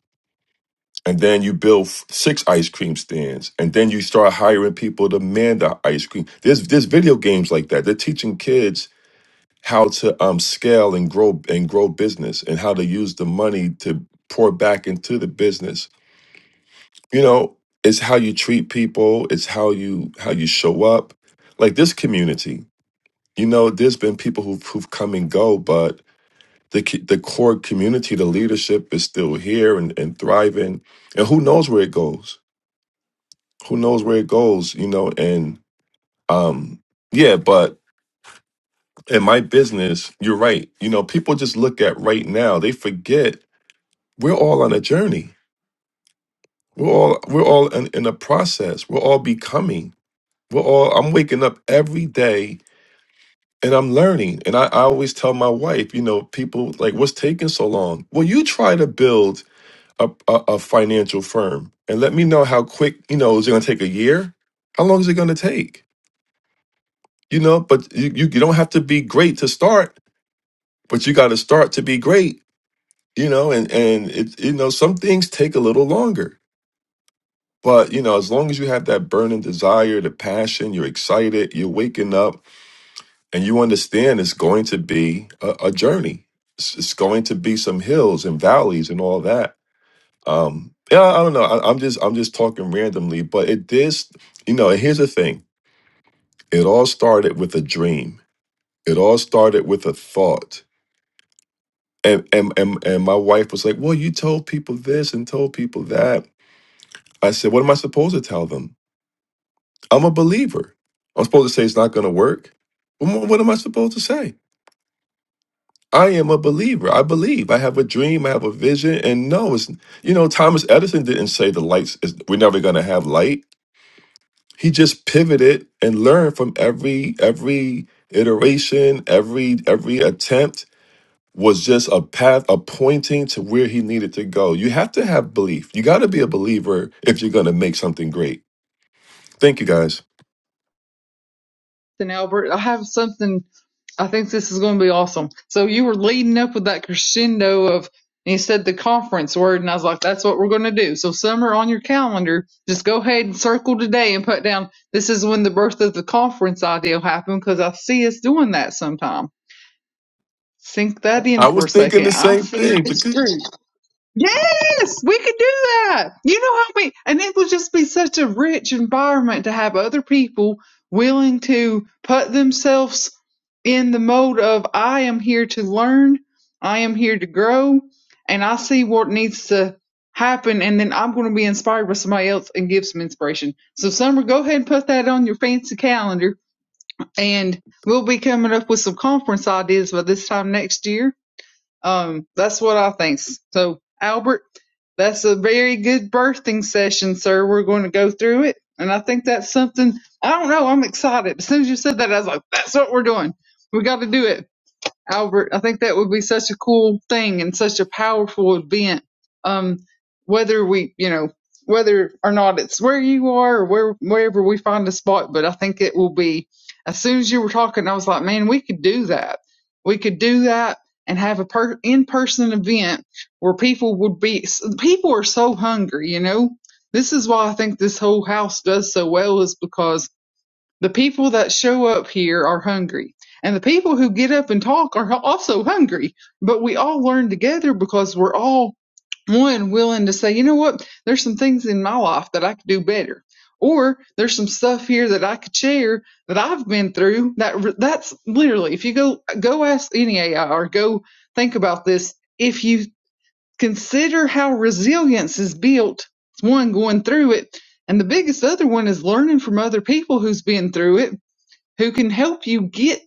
and then you build f- six ice cream stands and then you start hiring people to man the ice cream there's there's video games like that they're teaching kids how to um scale and grow and grow business and how to use the money to pour back into the business you know it's how you treat people it's how you how you show up like this community you know there's been people who've, who've come and go but the co- the core community the leadership is still here and, and thriving and who knows where it goes who knows where it goes you know and um yeah but in my business you're right you know people just look at right now they forget we're all on a journey we're all we're all in, in a process we're all becoming Well, all, I'm waking up every day and I'm learning. And I, I always tell my wife, you know, people like, what's taking so long? Well, you try to build a, a, a financial firm and let me know how quick, you know, is it going to take a year? How long is it going to take? You know, but you, you, you don't have to be great to start, but you got to start to be great, you know, and, and it, you know, some things take a little longer. But, you know, as long as you have that burning desire, the passion, you're excited, you're waking up, and you understand it's going to be a, a journey. It's, it's going to be some hills and valleys and all that. Um, yeah, I don't know. I, I'm just I'm just talking randomly, but it did. st- You know, and here's the thing: it all started with a dream. It all started with a thought. And and and and my wife was like, "Well, you told people this and told people that." I said, "What am I supposed to tell them? I'm a believer. I'm supposed to say it's not going to work. What more- what am I supposed to say?" I am a believer. I believe. I have a dream. I have a vision. And no, it's you know, Thomas Edison didn't say the lights is we're never gonna have light. He just pivoted and learned from every every iteration, every every attempt was just a path, a pointing to where he needed to go. You have to have belief. You gotta be a believer if you're gonna make something great. Thank you guys.
And Albert, I have something, I think this is going to be awesome. So you were leading up with that crescendo of, and you said the conference word, and I was like, that's what we're going to do. So, summer on your calendar, just go ahead and circle today and put down this is when the birth of the conference idea will happen because I see us doing that sometime. Sink that in
I
for
was
a
thinking
second.
the
I
same
see that
thing
it's
because
true. Yes, we could do that. You know how we, and it would just be such a rich environment to have other people willing to put themselves in the mode of I am here to learn, I am here to grow, and I see what needs to happen, and then I'm going to be inspired by somebody else and give some inspiration. So, Summer, go ahead and put that on your fancy calendar, and we'll be coming up with some conference ideas by this time next year um, that's what I think. So, Albert, that's a very good birthing session, sir. We're going to go through it. And I think that's something, I don't know, I'm excited. As soon as you said that, I was like, that's what we're doing. We got to do it. Albert, I think that would be such a cool thing and such a powerful event. Um, whether we, you know, whether or not it's where you are or where wherever we find a spot, but I think it will be. As soon as you were talking, I was like, man, we could do that. We could do that and have a per- in-person event where people would be. People are so hungry, you know. This is why I think this whole house does so well is because the people that show up here are hungry, and the people who get up and talk are also hungry. But we all learn together because we're all one willing to say, you know what, there's some things in my life that I could do better, or there's some stuff here that I could share that I've been through. That that's literally, if you go go ask any AI or go think about this, if you consider how resilience is built, it's one going through it. And the biggest other one is learning from other people who's been through it who can help you get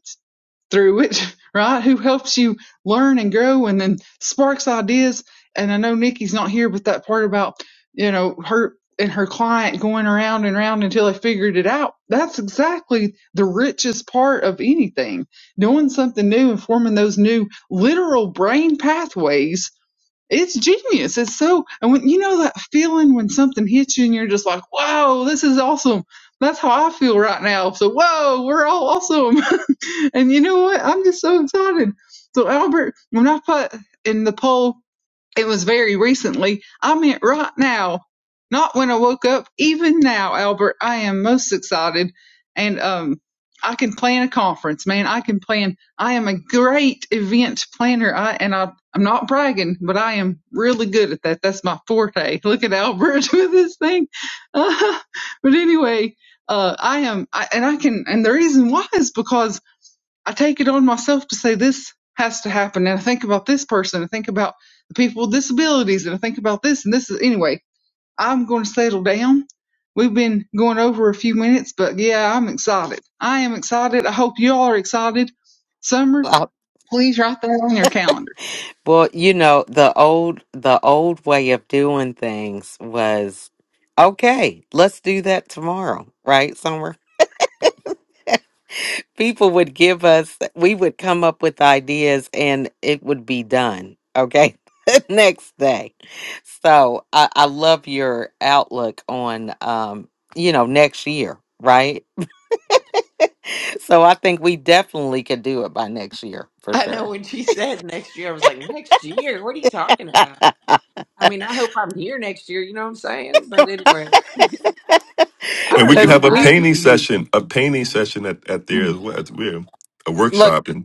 through it, *laughs* right? Who helps you learn and grow and then sparks ideas. And I know Nikki's not here, but that part about, you know, her and her client going around and around until they figured it out. That's exactly the richest part of anything. Doing something new and forming those new literal brain pathways it's genius. It's so, and when you know that feeling when something hits you and you're just like, "Wow, this is awesome. That's how I feel right now. So, whoa, we're all awesome. *laughs* and you know what? I'm just so excited. So, Albert, when I put in the poll, it was very recently. I meant right now, not when I woke up. Even now, Albert, I am most excited, and um, I can plan a conference, man. I can plan. I am a great event planner. I and I, I'm not bragging, but I am really good at that. That's my forte. *laughs* Look at Albert *laughs* with this thing. *laughs* Uh, but anyway, uh, I am, I, and I can, and the reason why is because I take it on myself to say this has to happen. And I think about this person. I think about the people with disabilities. And I think about this. And this is, anyway, I'm going to settle down. We've been going over a few minutes, but yeah, I'm excited. I am excited. I hope you all are excited. Summer,
Uh,
please write that on your calendar.
well, you know, the old the old way of doing things was okay. Let's do that tomorrow, right? Somewhere people would give us. We would come up with ideas, and it would be done. Okay. *laughs* the next day so I, I love your outlook on um you know next year right So I think we definitely could do it by next year for
I know
sure.
when she said next year, I was like, next year? What are you talking about? I mean, I hope I'm here next year. You know what I'm saying? But anyway,
*laughs*
I
and
don't
we can
Because
even.
have a
I
we
painting
don't.
session, a painting session at, at there as well. It's weird. A
look,
workshop and.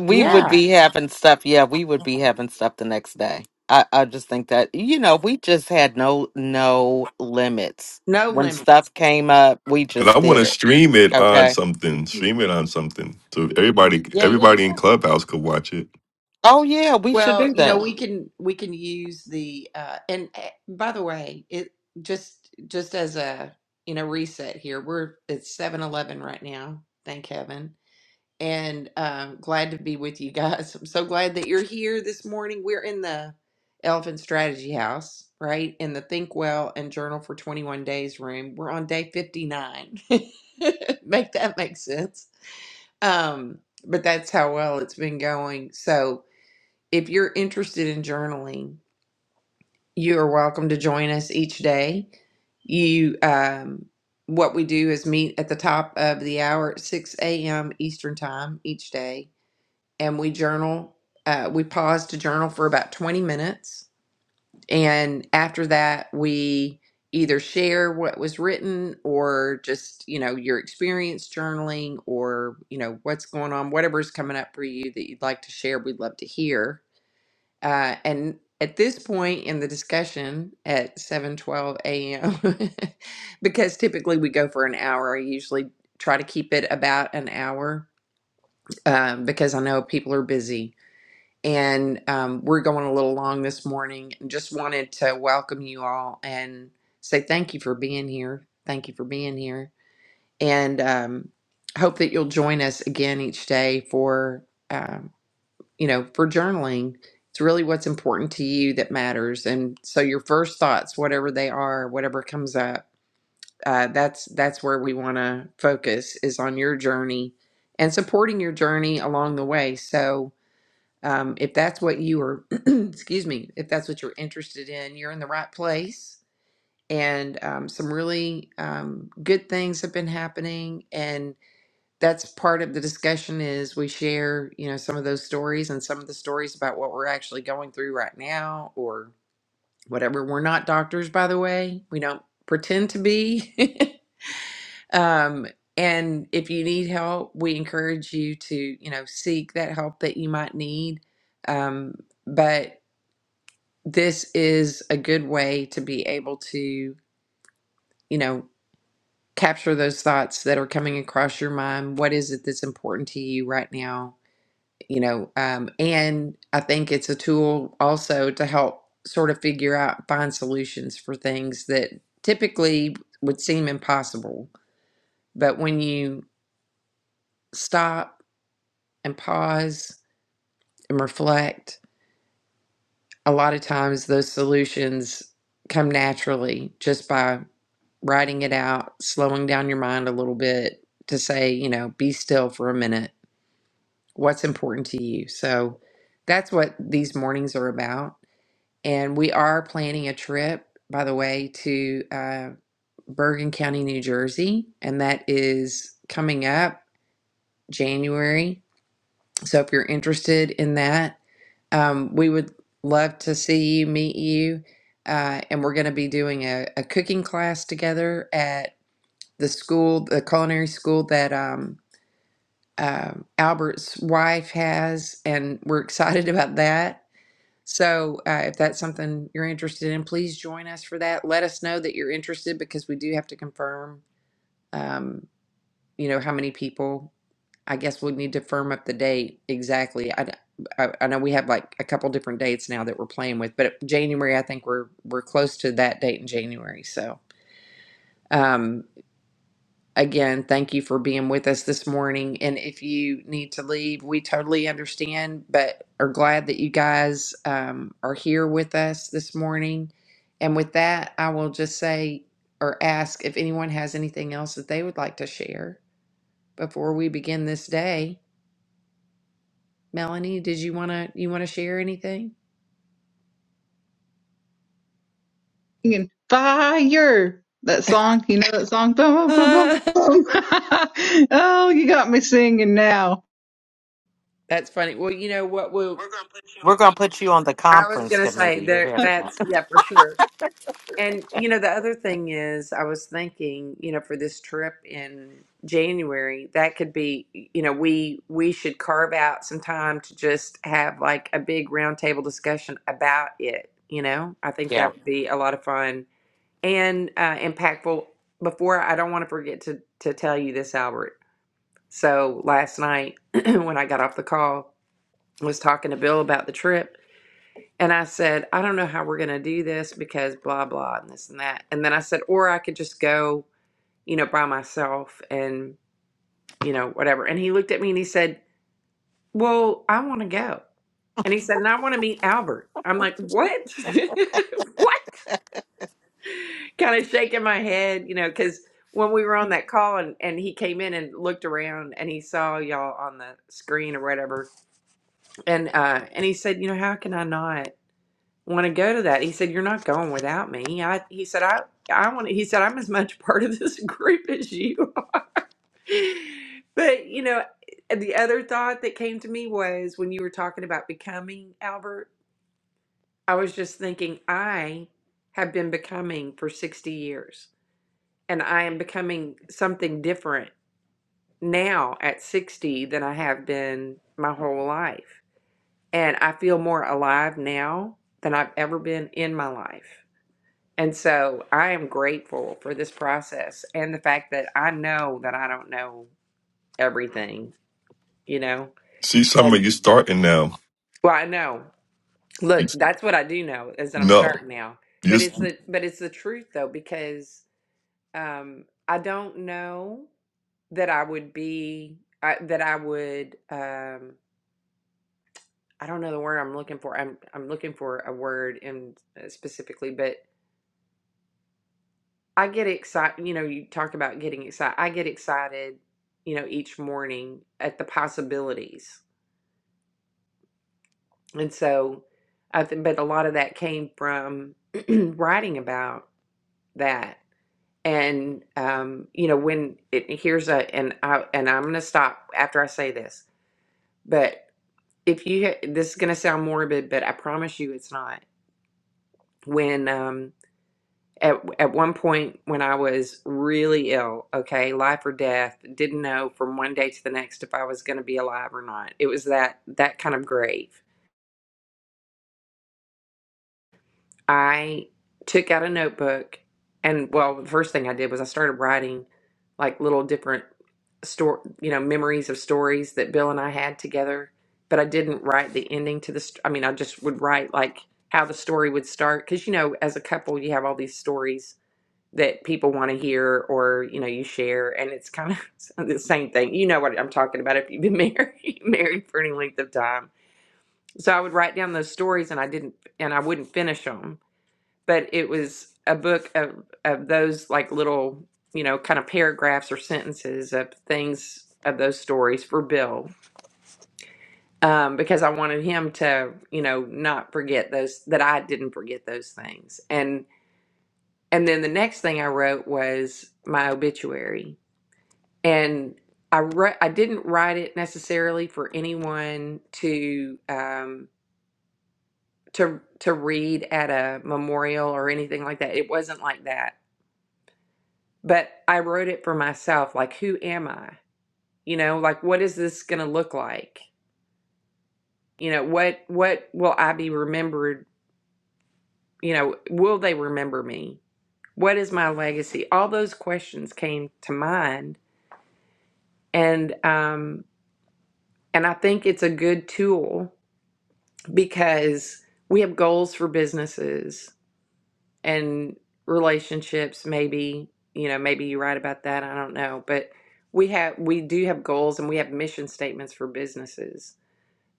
we would
Yeah,
be having stuff. Yeah, we would be having stuff the next day. I, I just think that you know we just had no no limits
no
when
limit.
stuff came up. We
And
just
I want
did
to
it.
stream it on
Okay.
something. Stream it on something so everybody,
Yeah, yeah,
everybody in
yeah.
Clubhouse could watch it.
Oh yeah, we should
Well,
do
you know,
that.
we can we can use the uh and uh, by the way, it just just as a you know reset here. We're it's seven eleven right now. Thank heaven. And um glad to be with you guys. I'm so glad that you're here this morning. We're in the Elephant Strategy House, right? In the Think Well and Journal for 21 Days room. We're on day 59. *laughs* Make that make sense Um, but that's how well it's been going. So if you're interested in journaling, you are welcome to join us each day. You, um, what we do is meet at the top of the hour at 6 a.m. Eastern Time each day, and we journal. Uh, we pause to journal for about 20 minutes and after that, we either share what was written or just, you know, your experience journaling or, you know, what's going on, whatever's coming up for you that you'd like to share, we'd love to hear. Uh, and at this point in the discussion at 7:12 a.m. *laughs* because typically we go for an hour, I usually try to keep it about an hour um, because I know people are busy and um, we're going a little long this morning. Just wanted to welcome you all and say thank you for being here. Thank you for being here, and um, hope that you'll join us again each day for um, you know for journaling. It's really what's important to you that matters, and so your first thoughts, whatever they are, whatever comes up, uh, that's that's where we want to focus is on your journey and supporting your journey along the way. So um, if that's what you are, *clears throat* excuse me, if that's what you're interested in, you're in the right place. And um, some really um, good things have been happening, and that's part of the discussion. Is we share, you know, some of those stories and some of the stories about what we're actually going through right now, or whatever. We're not doctors, by the way. We don't pretend to be. *laughs* um, and if you need help, we encourage you to, you know, seek that help that you might need. Um, but this is a good way to be able to, you know, capture those thoughts that are coming across your mind. What is it that's important to you right now? You know, um, and I think it's a tool also to help sort of figure out, find solutions for things that typically would seem impossible. But when you stop and pause and reflect, a lot of times those solutions come naturally just by writing it out, slowing down your mind a little bit to say, you know, be still for a minute. What's important to you? So that's what these mornings are about. And we are planning a trip, by the way, to uh, Bergen County, New Jersey. And that is coming up January. So if you're interested in that, um, we would love to see you, meet you. Uh, and we're going to be doing a, a cooking class together at. the school, the culinary school that um, uh, Albert's wife has, and we're *laughs* excited about that. So, uh, if that's something you're interested in, please join us for that. Let us know that you're interested because we do have to confirm, um, you know, how many people. I guess we'll need to firm up the date exactly. I, I, I know we have like a couple different dates now that we're playing with, but January, I think we're we're close to that date in January. So, um, Again, thank you for being with us this morning. And if you need to leave, we totally understand, but are glad that you guys um, are here with us this morning. And with that, I will just say or ask if anyone has anything else that they would like to share before we begin this day. Melanie, did you wanna you wanna share anything? *laughs*
You can fire that song. You know that song? Boom, boom, boom, boom. *laughs* oh, you got me singing now.
That's funny. Well, you know what? We'll.
We're gonna put you on the
I was
conference
gonna
committee.
say
You're
there.
here to
That's
that.
yeah, for sure. And you know, the other thing is, I was thinking, you know, for this trip in January, that could be, you know, we we should carve out some time to just have like a big roundtable discussion about it. You know, I think
Yeah,
that would be a lot of fun and uh, impactful. Before, I don't want to forget to to tell you this, Albert. So last night *clears throat* when I got off the call, I was talking to Bill about the trip and I said, I don't know how we're going to do this because blah, blah, and this and that. And then I said, or I could just go, you know, by myself and, you know, whatever. And he looked at me and he said, Well, I want to go. And he said, and I want to meet Albert. I'm like, what? *laughs* what? Kind of shaking my head, you know, because when we were on that call and, and he came in and looked around and he saw y'all on the screen or whatever. And uh, and he said, you know, how can I not? want to go to that. He said, "You're not going without me." I, he said, "I, I want." to He said, "I'm as much *laughs* part of this group as you are." *laughs* But you know, the other thought that came to me was when you were talking about becoming Albert. I was just thinking, I have been becoming for 60 years, and I am becoming something different now at 60 than I have been my whole life. And I feel more alive now than I've ever been in my life And so I am grateful for this process and the fact that I know that I don't know everything, you know?
See, Summer,
And
you starting now.
well, I know.
You,
Look, that's what I do know is that I'm
no,
starting now.
you.
But it's the but it's the truth though, because um I don't know that I would be I, that I would um I don't know the word I'm looking for. I'm I'm looking for a word in uh, specifically, but. I get excited, you know, you talk about getting excited. I get excited, you know, each morning at the possibilities. And so I think but a lot of that came from *clears throat* writing about that. And um, you know, when it here's a and I and I'm going to stop after I say this. But if you ha- this is going to sound morbid, but I promise you it's not. When um at at one point when I was really ill, okay, life or death, didn't know from one day to the next if I was going to be alive or not. It was that that kind of grave. I took out a notebook and well, the first thing I did was I started writing like little different store, you know, memories of stories that Bill and I had together, but I didn't write the ending to the st- I mean, I just would write like how the story would start cuz you know, as a couple you have all these stories that people want to hear or you know you share and it's kind of *laughs* the same thing you know what i'm talking about if you've been *laughs* married married for any length of time so i would write down those stories and i didn't and i wouldn't finish them but it was a book of of those like little you know kind of paragraphs or sentences of things of those stories for bill um, because i wanted him to you know not forget those that i didn't forget those things and and then the next thing i wrote was my obituary and I re- I didn't write it necessarily for anyone to um to to read at a memorial or anything like that. It wasn't like that. But I wrote it for myself like who am I? You know, like what is this going to look like? You know, what what will I be remembered, you know, will they remember me? What is my legacy? All those questions came to mind and um and I think it's a good tool because we have goals for businesses and relationships maybe you know maybe you're right about that i don't know but we have we do have goals and we have mission statements for businesses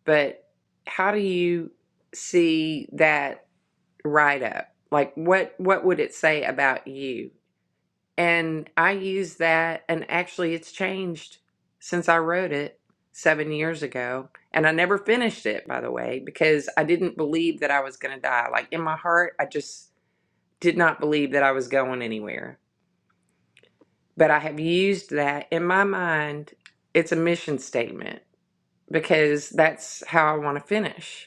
but how do you see that write up like what what would it say about you and I use that, and actually, it's changed since I wrote it seven years ago. And I never finished it, by the way, because I didn't believe that I was going to die. Like in my heart, I just did not believe that I was going anywhere. But I have used that in my mind. It's a mission statement because that's how I want to finish.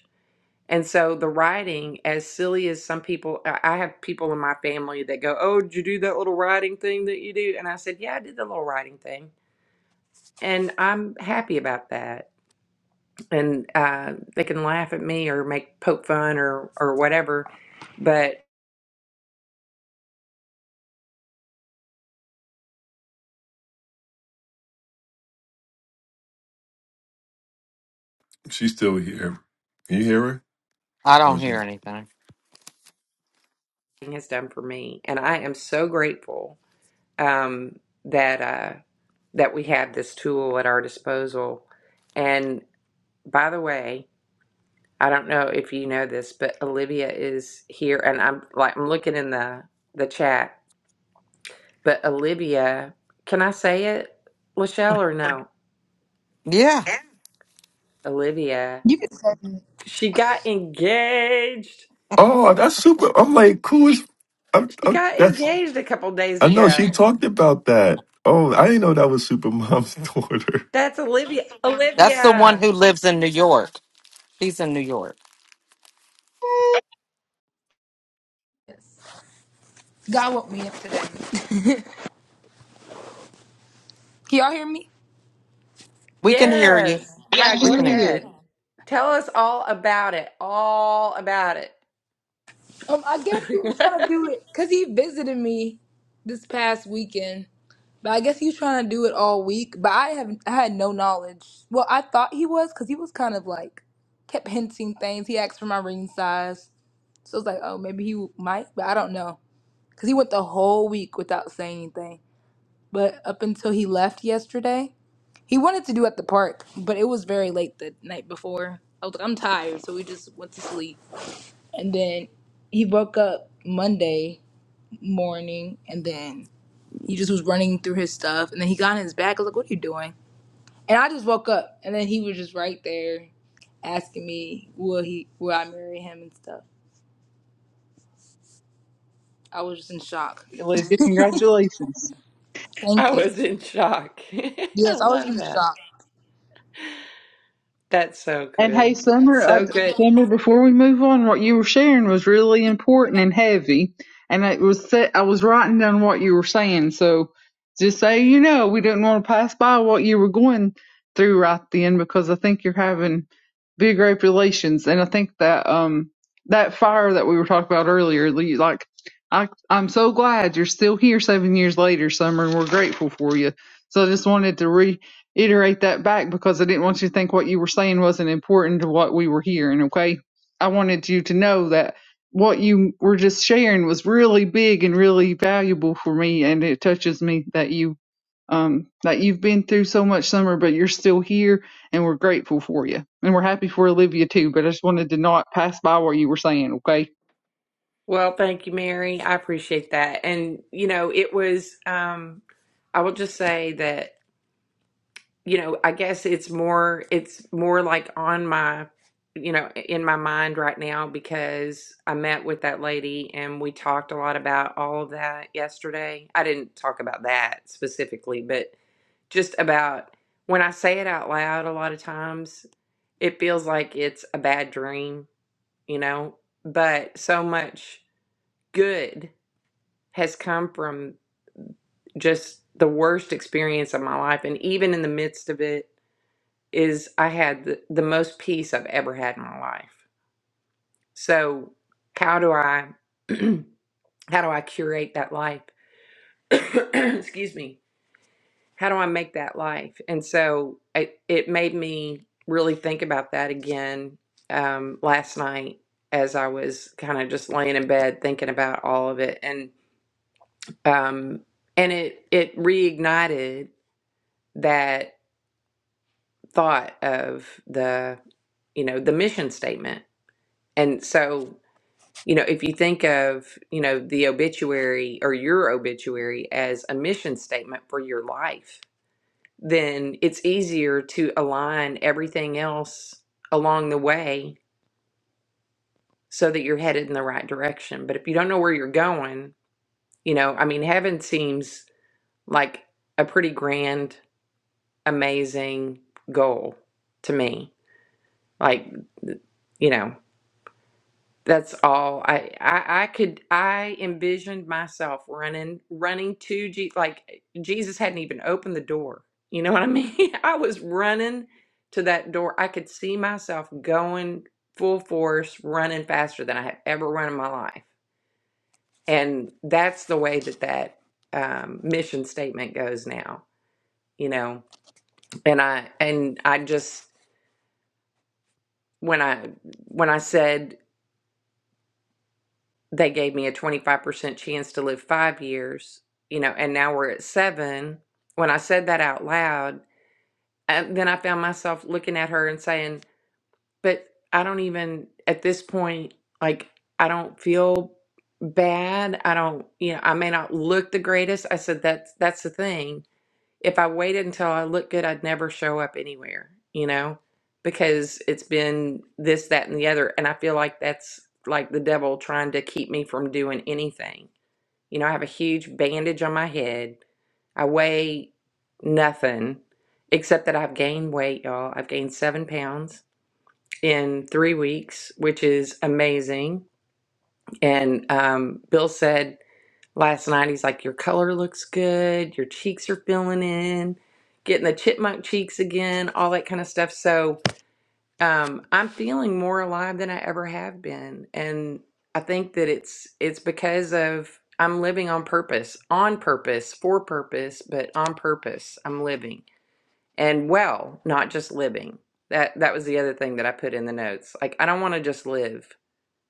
And so the writing, as silly as some people, I I have people in my family that go, "Oh, did you do that little writing thing that you do?" And I said, "Yeah, I did the little writing thing." And I'm happy about that. And uh, they can laugh at me or make poke fun or or whatever, but
She's still here. Can you hear her,
I
or
don't
is it?
hear anything.
it has done for me, and I am so grateful um, that uh, that we have this tool at our disposal. And by the way, I don't know if you know this, but Olivia is here, and I'm like I'm looking in the the chat. But Olivia, can I say it, Lachelle, or no?
Yeah,
Olivia,
You can say that.
she got engaged.
Oh, that's super. I'm like, cool. As, I'm,
She
I'm-
got
that's.
engaged a couple days
I know she
ago.
talked about that. Oh, I didn't know that was Super Mom's *laughs* daughter.
That's Olivia.
that's the one
Olivia,
who lives in New York. She's in New York.
Yes. God woke me up today. *laughs* Can y'all hear me?
We can hear you.
yes, yeah.
Happy
We
Go
can hear.
New
you.
Year.
ahead. Tell us all about it. All about it.
Um, I guess he was trying to
*laughs*
do it because he visited me this past weekend. But I guess he was trying to do it all week. But I have I had no knowledge. Well, I thought he was because he was kind of like kept hinting things. He asked for my ring size, so I was like, oh, maybe he might, but I don't know because he went the whole week without saying anything. But up until he left yesterday. He wanted to do at the park, but it was very late the night before. I was like, I'm tired, so we just went to sleep. And then he woke up Monday morning, and then he just was running through his stuff. And then he got in his bag. I was like, "What are you doing?" And I just woke up, and then he was just right there asking me, "Will he? Will I marry him?" and stuff. I was just in shock.
Congratulations.
I
Thank you.
was in shock. *laughs* I
Yes, I was
love
in
that.
shock.
That's so
And hey,
good.
Summer, I,
So good.
Summer, before we move on, what you were sharing was really important and heavy, and it was set, I was writing down what you were saying. So just say you know we didn't want to pass by what you were going through right then because I think you're having big revelations, and I think that um that fire that we were talking about earlier, the- like I I'm so glad you're still here seven years later, Summer, and we're grateful for you. So I just wanted to iterate that back because I didn't want you to think what you were saying wasn't important to what we were hearing, okay? I wanted you to know that what you were just sharing was really big and really valuable for me and it touches me that you um that you've been through so much summer but you're still here and we're grateful for you. And we're happy for Olivia too, but I just wanted to not pass by what you were saying, okay?
Well, thank you, Mary. I appreciate that. And, you know, it was, um, I will just say that, you know, I guess it's more, it's more like on my, you know, in my mind right now because I met with that lady and we talked a lot about all of that yesterday. I didn't talk about that specifically, but just about when I say it out loud, a lot of times it feels like it's a bad dream, you know, but so much good has come from just the worst experience of my life. And even in the midst of it, is I had the, the most peace I've ever had in my life. So how do I *clears throat* how do I curate that life? *clears throat* Excuse me. How do I make that life? And so it, it made me really think about that again um, last night as I was kind of just laying in bed thinking about all of it. And um, and it it reignited that thought of the you know the mission statement and so you know if you think of you know the obituary or your obituary as a mission statement for your life then it's easier to align everything else along the way so that you're headed in the right direction but if you don't know where you're going you know i mean heaven seems like a pretty grand amazing goal to me like you know That's all. I, I I could I envisioned myself running running to G like Jesus hadn't even opened the door. You know what I mean? *laughs* I was running to that door. I could see myself going full force, running faster than I have ever run in my life. And that's the way that that um, mission statement goes now. You know, and I and I just when I when I said they gave me a 25% chance to live five years, you know, and now we're at seven. When I said that out loud, and then I found myself looking at her and saying, But I don't even, at this point, like, I don't feel bad. I don't, you know, I may not look the greatest. I said, That's, that's the thing if I waited until I looked good, I'd never show up anywhere, you know, because it's been this, that, and the other. And I feel like that's like the devil trying to keep me from doing anything. You know, I have a huge bandage on my head. I weigh nothing except that I've gained weight, y'all. I've gained seven pounds in three weeks, which is amazing. And um, Bill said, Last night he's like, Your color looks good, your cheeks are filling in, getting the chipmunk cheeks again, all that kind of stuff. So um, I'm feeling more alive than I ever have been. And I think that it's it's because of I'm living on purpose, on purpose, for purpose, but on purpose. I'm living. And well, not just living. That that was the other thing that I put in the notes. Like I don't want to just live.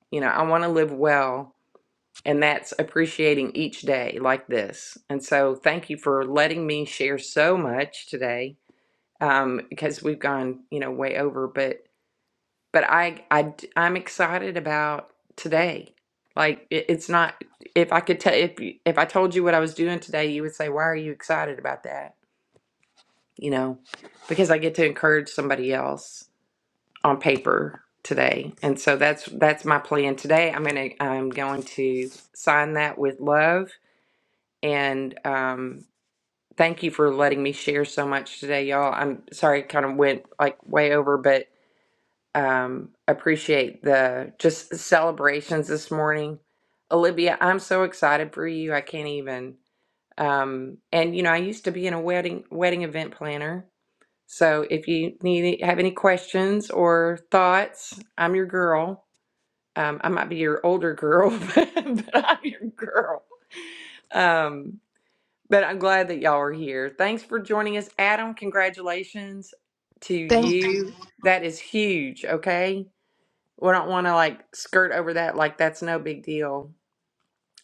You know, I want to live well and that's appreciating each day like this. And so thank you for letting me share so much today um, because we've gone, you know, way over. But but I, I I'm excited about today. Like it, it's not if I could tell if you- if I told you what I was doing today, you would say, "Why are you excited about that?" You know, because I get to encourage somebody else on paper today, and so that's that's my plan today. I'm gonna I'm going to sign that with love and um, thank you for letting me share so much today, y'all. I'm sorry, it kind of went like way over, but um, appreciate the just celebrations this morning. Olivia, I'm so excited for you. I can't even. Um, and you know, I used to be in a wedding wedding event planner. So if you need have any questions or thoughts, I'm your girl. Um, I might be your older girl, *laughs* but, I'm your girl. Um, but I'm glad that y'all are here. Thanks for joining us, Adam. Congratulations to
Thank,
you. That is huge, okay? We don't want to like skirt over that like that's no big deal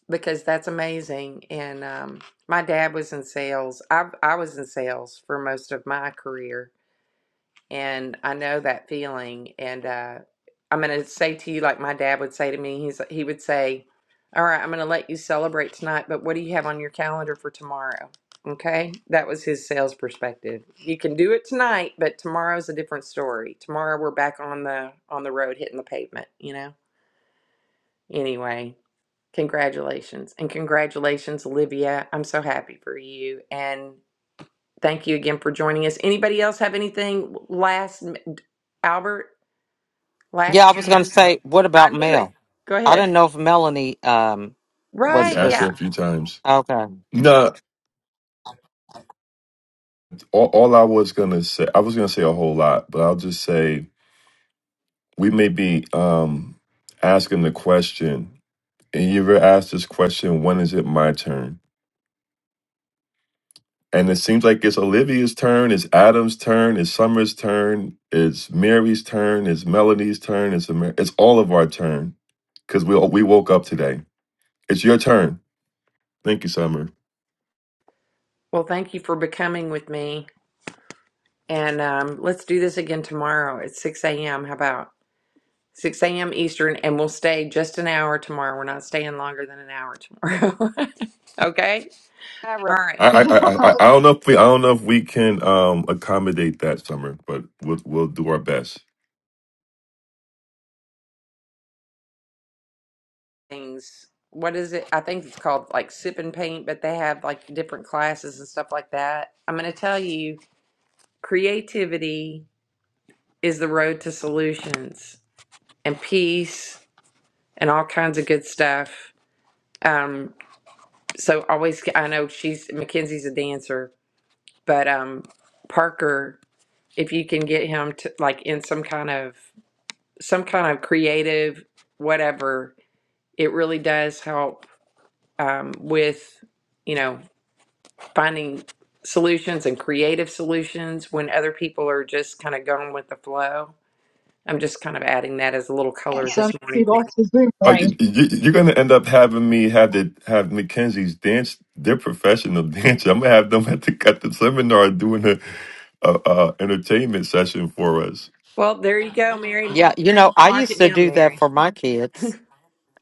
because that's amazing. And um, my dad was in sales. I I was in sales for most of my career and I know that feeling. And uh, I'm going to say to you, like my dad would say to me, he's he would say, "All right, I'm going to let you celebrate tonight, but what do you have on your calendar for tomorrow?" Okay, that was his sales perspective. You can do it tonight, but tomorrow's a different story. Tomorrow we're back on the on the road, hitting the pavement. You know. Anyway, congratulations and congratulations, Olivia. I'm so happy for you and. Thank you again for joining us. Anybody else have anything last Albert?
Yeah,
Last
I was going to
chance.
say, what
I
about
knew it.
Mel?
Go
I
ahead.
didn't know if Melanie um
You
was
Right.
asked her
just
Yeah.
a few times.
okay.
No, all, all I was gonna say, I was gonna say a whole lot, but I'll just say we may be um asking the question And you ever asked this question, when is it my turn? And it seems like it's Olivia's turn, it's Adam's turn, it's Summer's turn, it's Mary's turn, it's Melanie's turn, it's Amer- it's all of our turn because we we woke up today. It's your turn. Thank you, Summer.
Well, thank you for becoming with me. And um, let's do this again tomorrow at 6 a.m. How about 6 a.m. Eastern? And we'll stay just an hour tomorrow. We're not staying longer than an hour tomorrow. *laughs* okay.
All
All
right.
right.
I I I I I don't know if we I don't know if we can um accommodate that, Summer, but we'll we'll do our best.
Things. What is it? I think it's called like sip and paint, but they have like different classes and stuff like that. I'm going to tell you creativity is the road to solutions and peace and all kinds of good stuff. Um, so always, I know she's Mackenzie's a dancer, but um, Parker, if you can get him to like in some kind of some kind of creative whatever, it really does help um, with you know finding solutions and creative solutions when other people are just kind of going with the flow. I'm just kind of adding that as a little color this
Handsome.
morning
He
for you.
lost his
Uh, you,
boomerang.
you, you're gonna end up having me have the have Mackenzie's dance. They're professional *laughs* dancers. I'm gonna have them at the at the seminar doing the a, a entertainment session for us.
Well, there you go, Mary.
Yeah, you know, I
Mark
used
it
to
down,
do that
Mary.
for my
*laughs*
kids.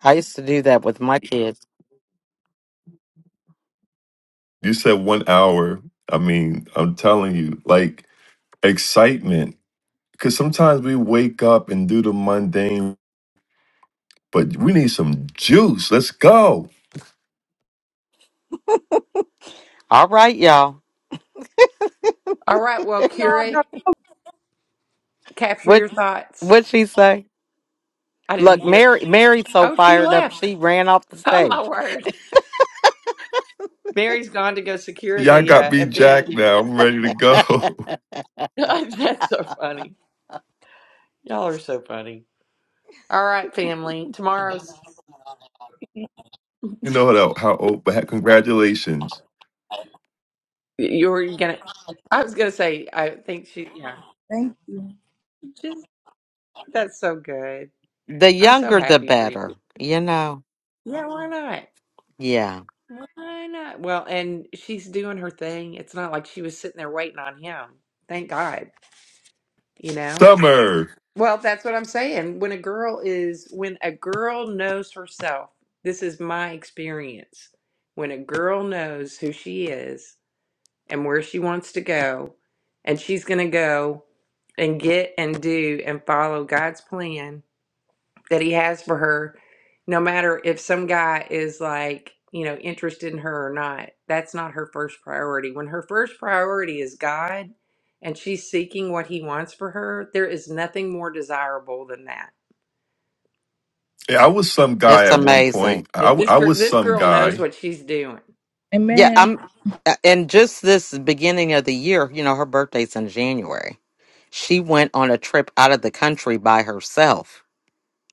I used to do that with my kids.
You said one hour. I mean, I'm telling you, like excitement. Because sometimes we wake up and do the mundane, but we need some juice. Let's go.
All right, y'all.
All right, well, curate, capture
What
your thoughts.
what'd she say?
I didn't
Look,
hear.
Mary Mary's so
Oh, she
fired up she
left.
ran off the
Oh my
stage.
word! Mary's gone to go secure
Y'all
the
got
uh,
me
event.
jacked now. I'm ready to go.
*laughs* That's so funny. All right, family. Tomorrow's
*laughs* you know how, how old, but hey, congratulations.
you're gonna. I was gonna say. I think she. Yeah,
thank you.
just that's so good.
The
I'm so
younger the
happy for you.
better, you know.
Yeah, why not?
Yeah.
Why not? Well, and she's doing her thing. It's not like she was sitting there waiting on him. Thank God. You know.
Summer.
Well, that's what I'm saying. When a girl is, when a girl knows herself, this is my experience. When a girl knows who she is and where she wants to go, and she's going to go and get and do and follow God's plan that he has for her, no matter if some guy is like, you know, interested in her or not, that's not her first priority. When her first priority is God and she's seeking what he wants for her, there is nothing more desirable than that.
Yeah, I was some guy
It's
at one
amazing.
point.
And
I,
this
I
girl
was
this
some
girl knows
guy.
what she's doing.
Yeah,
Amen.
I'm uh, and just this beginning of the year, you know, her birthday's in January. She went on a trip out of the country by herself.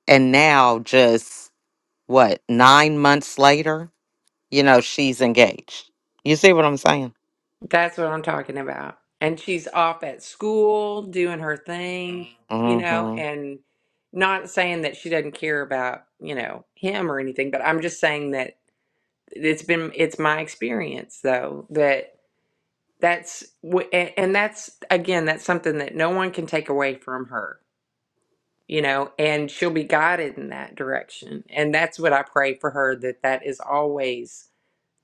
And now, just what, nine months later, you know, she's engaged. You see what I'm saying?
That's what I'm talking about. And she's off at school doing her thing, you know,
hmm
and not saying that she doesn't care about, you know, him or anything, but I'm just saying that it's been it's my experience though that that's and that's again that's something that no one can take away from her you know and she'll be guided in that direction and that's what i pray for her that that is always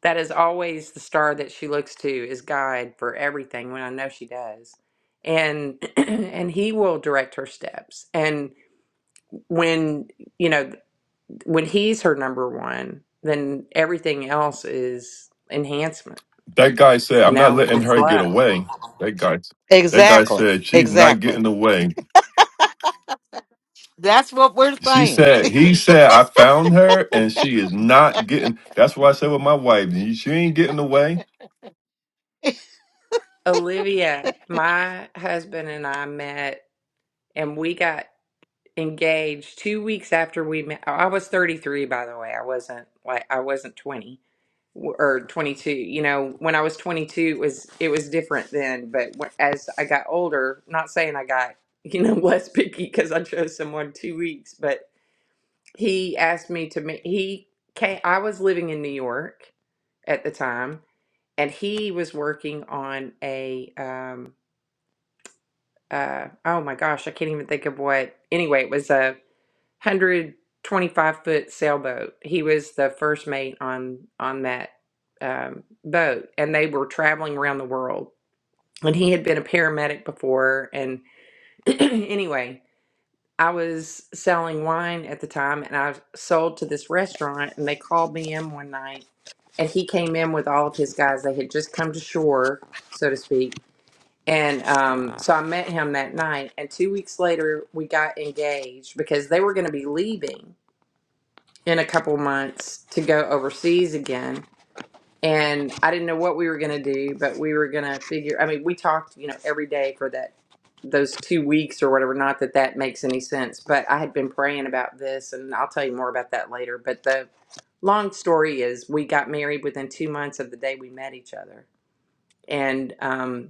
that is always the star that she looks to is guide for everything when i know she does and *clears throat* and he will direct her steps and when you know when he's her number one then everything else is enhancement
That guy said,
you
I'm not
know, and
letting
it's
her get
love.
away. That guy, that guy
Exactly.
said, she's not
Exactly.
getting away.
That's what we're
She
saying.
said, he said, I found her and she is not getting. That's why I said with my wife, she ain't getting away.
Olivia, my husband and I met and we got engaged two weeks after we met. I was 33, by the way. I wasn't like, I wasn't 20 w- or 22. You know, when I was 22, it was, it was different then. But wh- as I got older, not saying I got, you know, *laughs* less picky because I chose someone two weeks, but he asked me to meet, he came, I was living in New York at the time and he was working on a um uh oh my gosh i can't even think of what anyway it was a 125 foot sailboat he was the first mate on on that um, boat and they were traveling around the world and he had been a paramedic before and *clears throat* anyway i was selling wine at the time and i sold to this restaurant and they called me in one night and he came in with all of his guys they had just come to shore so to speak And um, so I met him that night. And two weeks later, we got engaged because they were going to be leaving in a couple months to go overseas again. And I didn't know what we were going to do, but we were going to figure. I mean, we talked, you know, every day for that those two weeks or whatever. Not that that makes any sense, but I had been praying about this, and I'll tell you more about that later. But the long story is, we got married within two months of the day we met each other, and um,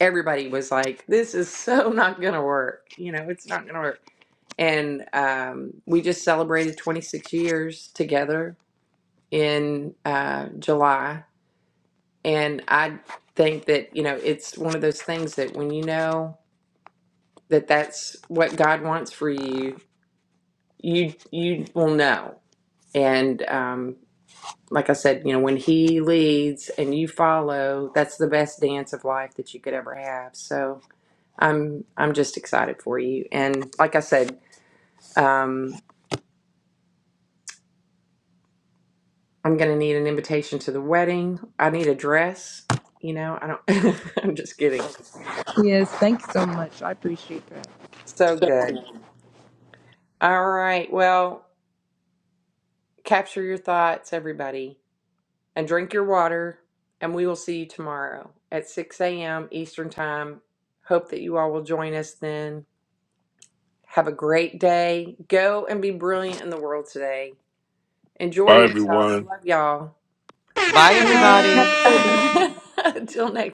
everybody was like, "This is so *laughs* not gonna work." You know, it's not gonna work. And um, we just celebrated 26 years together in uh, July, and I think that you know it's one of those things that when you know that that's what God wants for you, you you will know. And um, like I said, you know, when He leads and you follow, that's the best dance of life that you could ever have. So I'm I'm just excited for you. And like I said, um, I'm gonna need an invitation to the wedding. I need a dress. You know, I don't. *laughs* I'm just kidding.
Yes, thank you so much. I appreciate that.
So good. All right. Well, capture your thoughts, everybody, and drink your water. And we will see you tomorrow at 6 a.m. Eastern Time. Hope that you all will join us then. Have a great day. Go and be brilliant in the world today. Enjoy
Bye,
yourselves.
everyone.
Love y'all.
*laughs* Bye, everybody.
*laughs* Until next.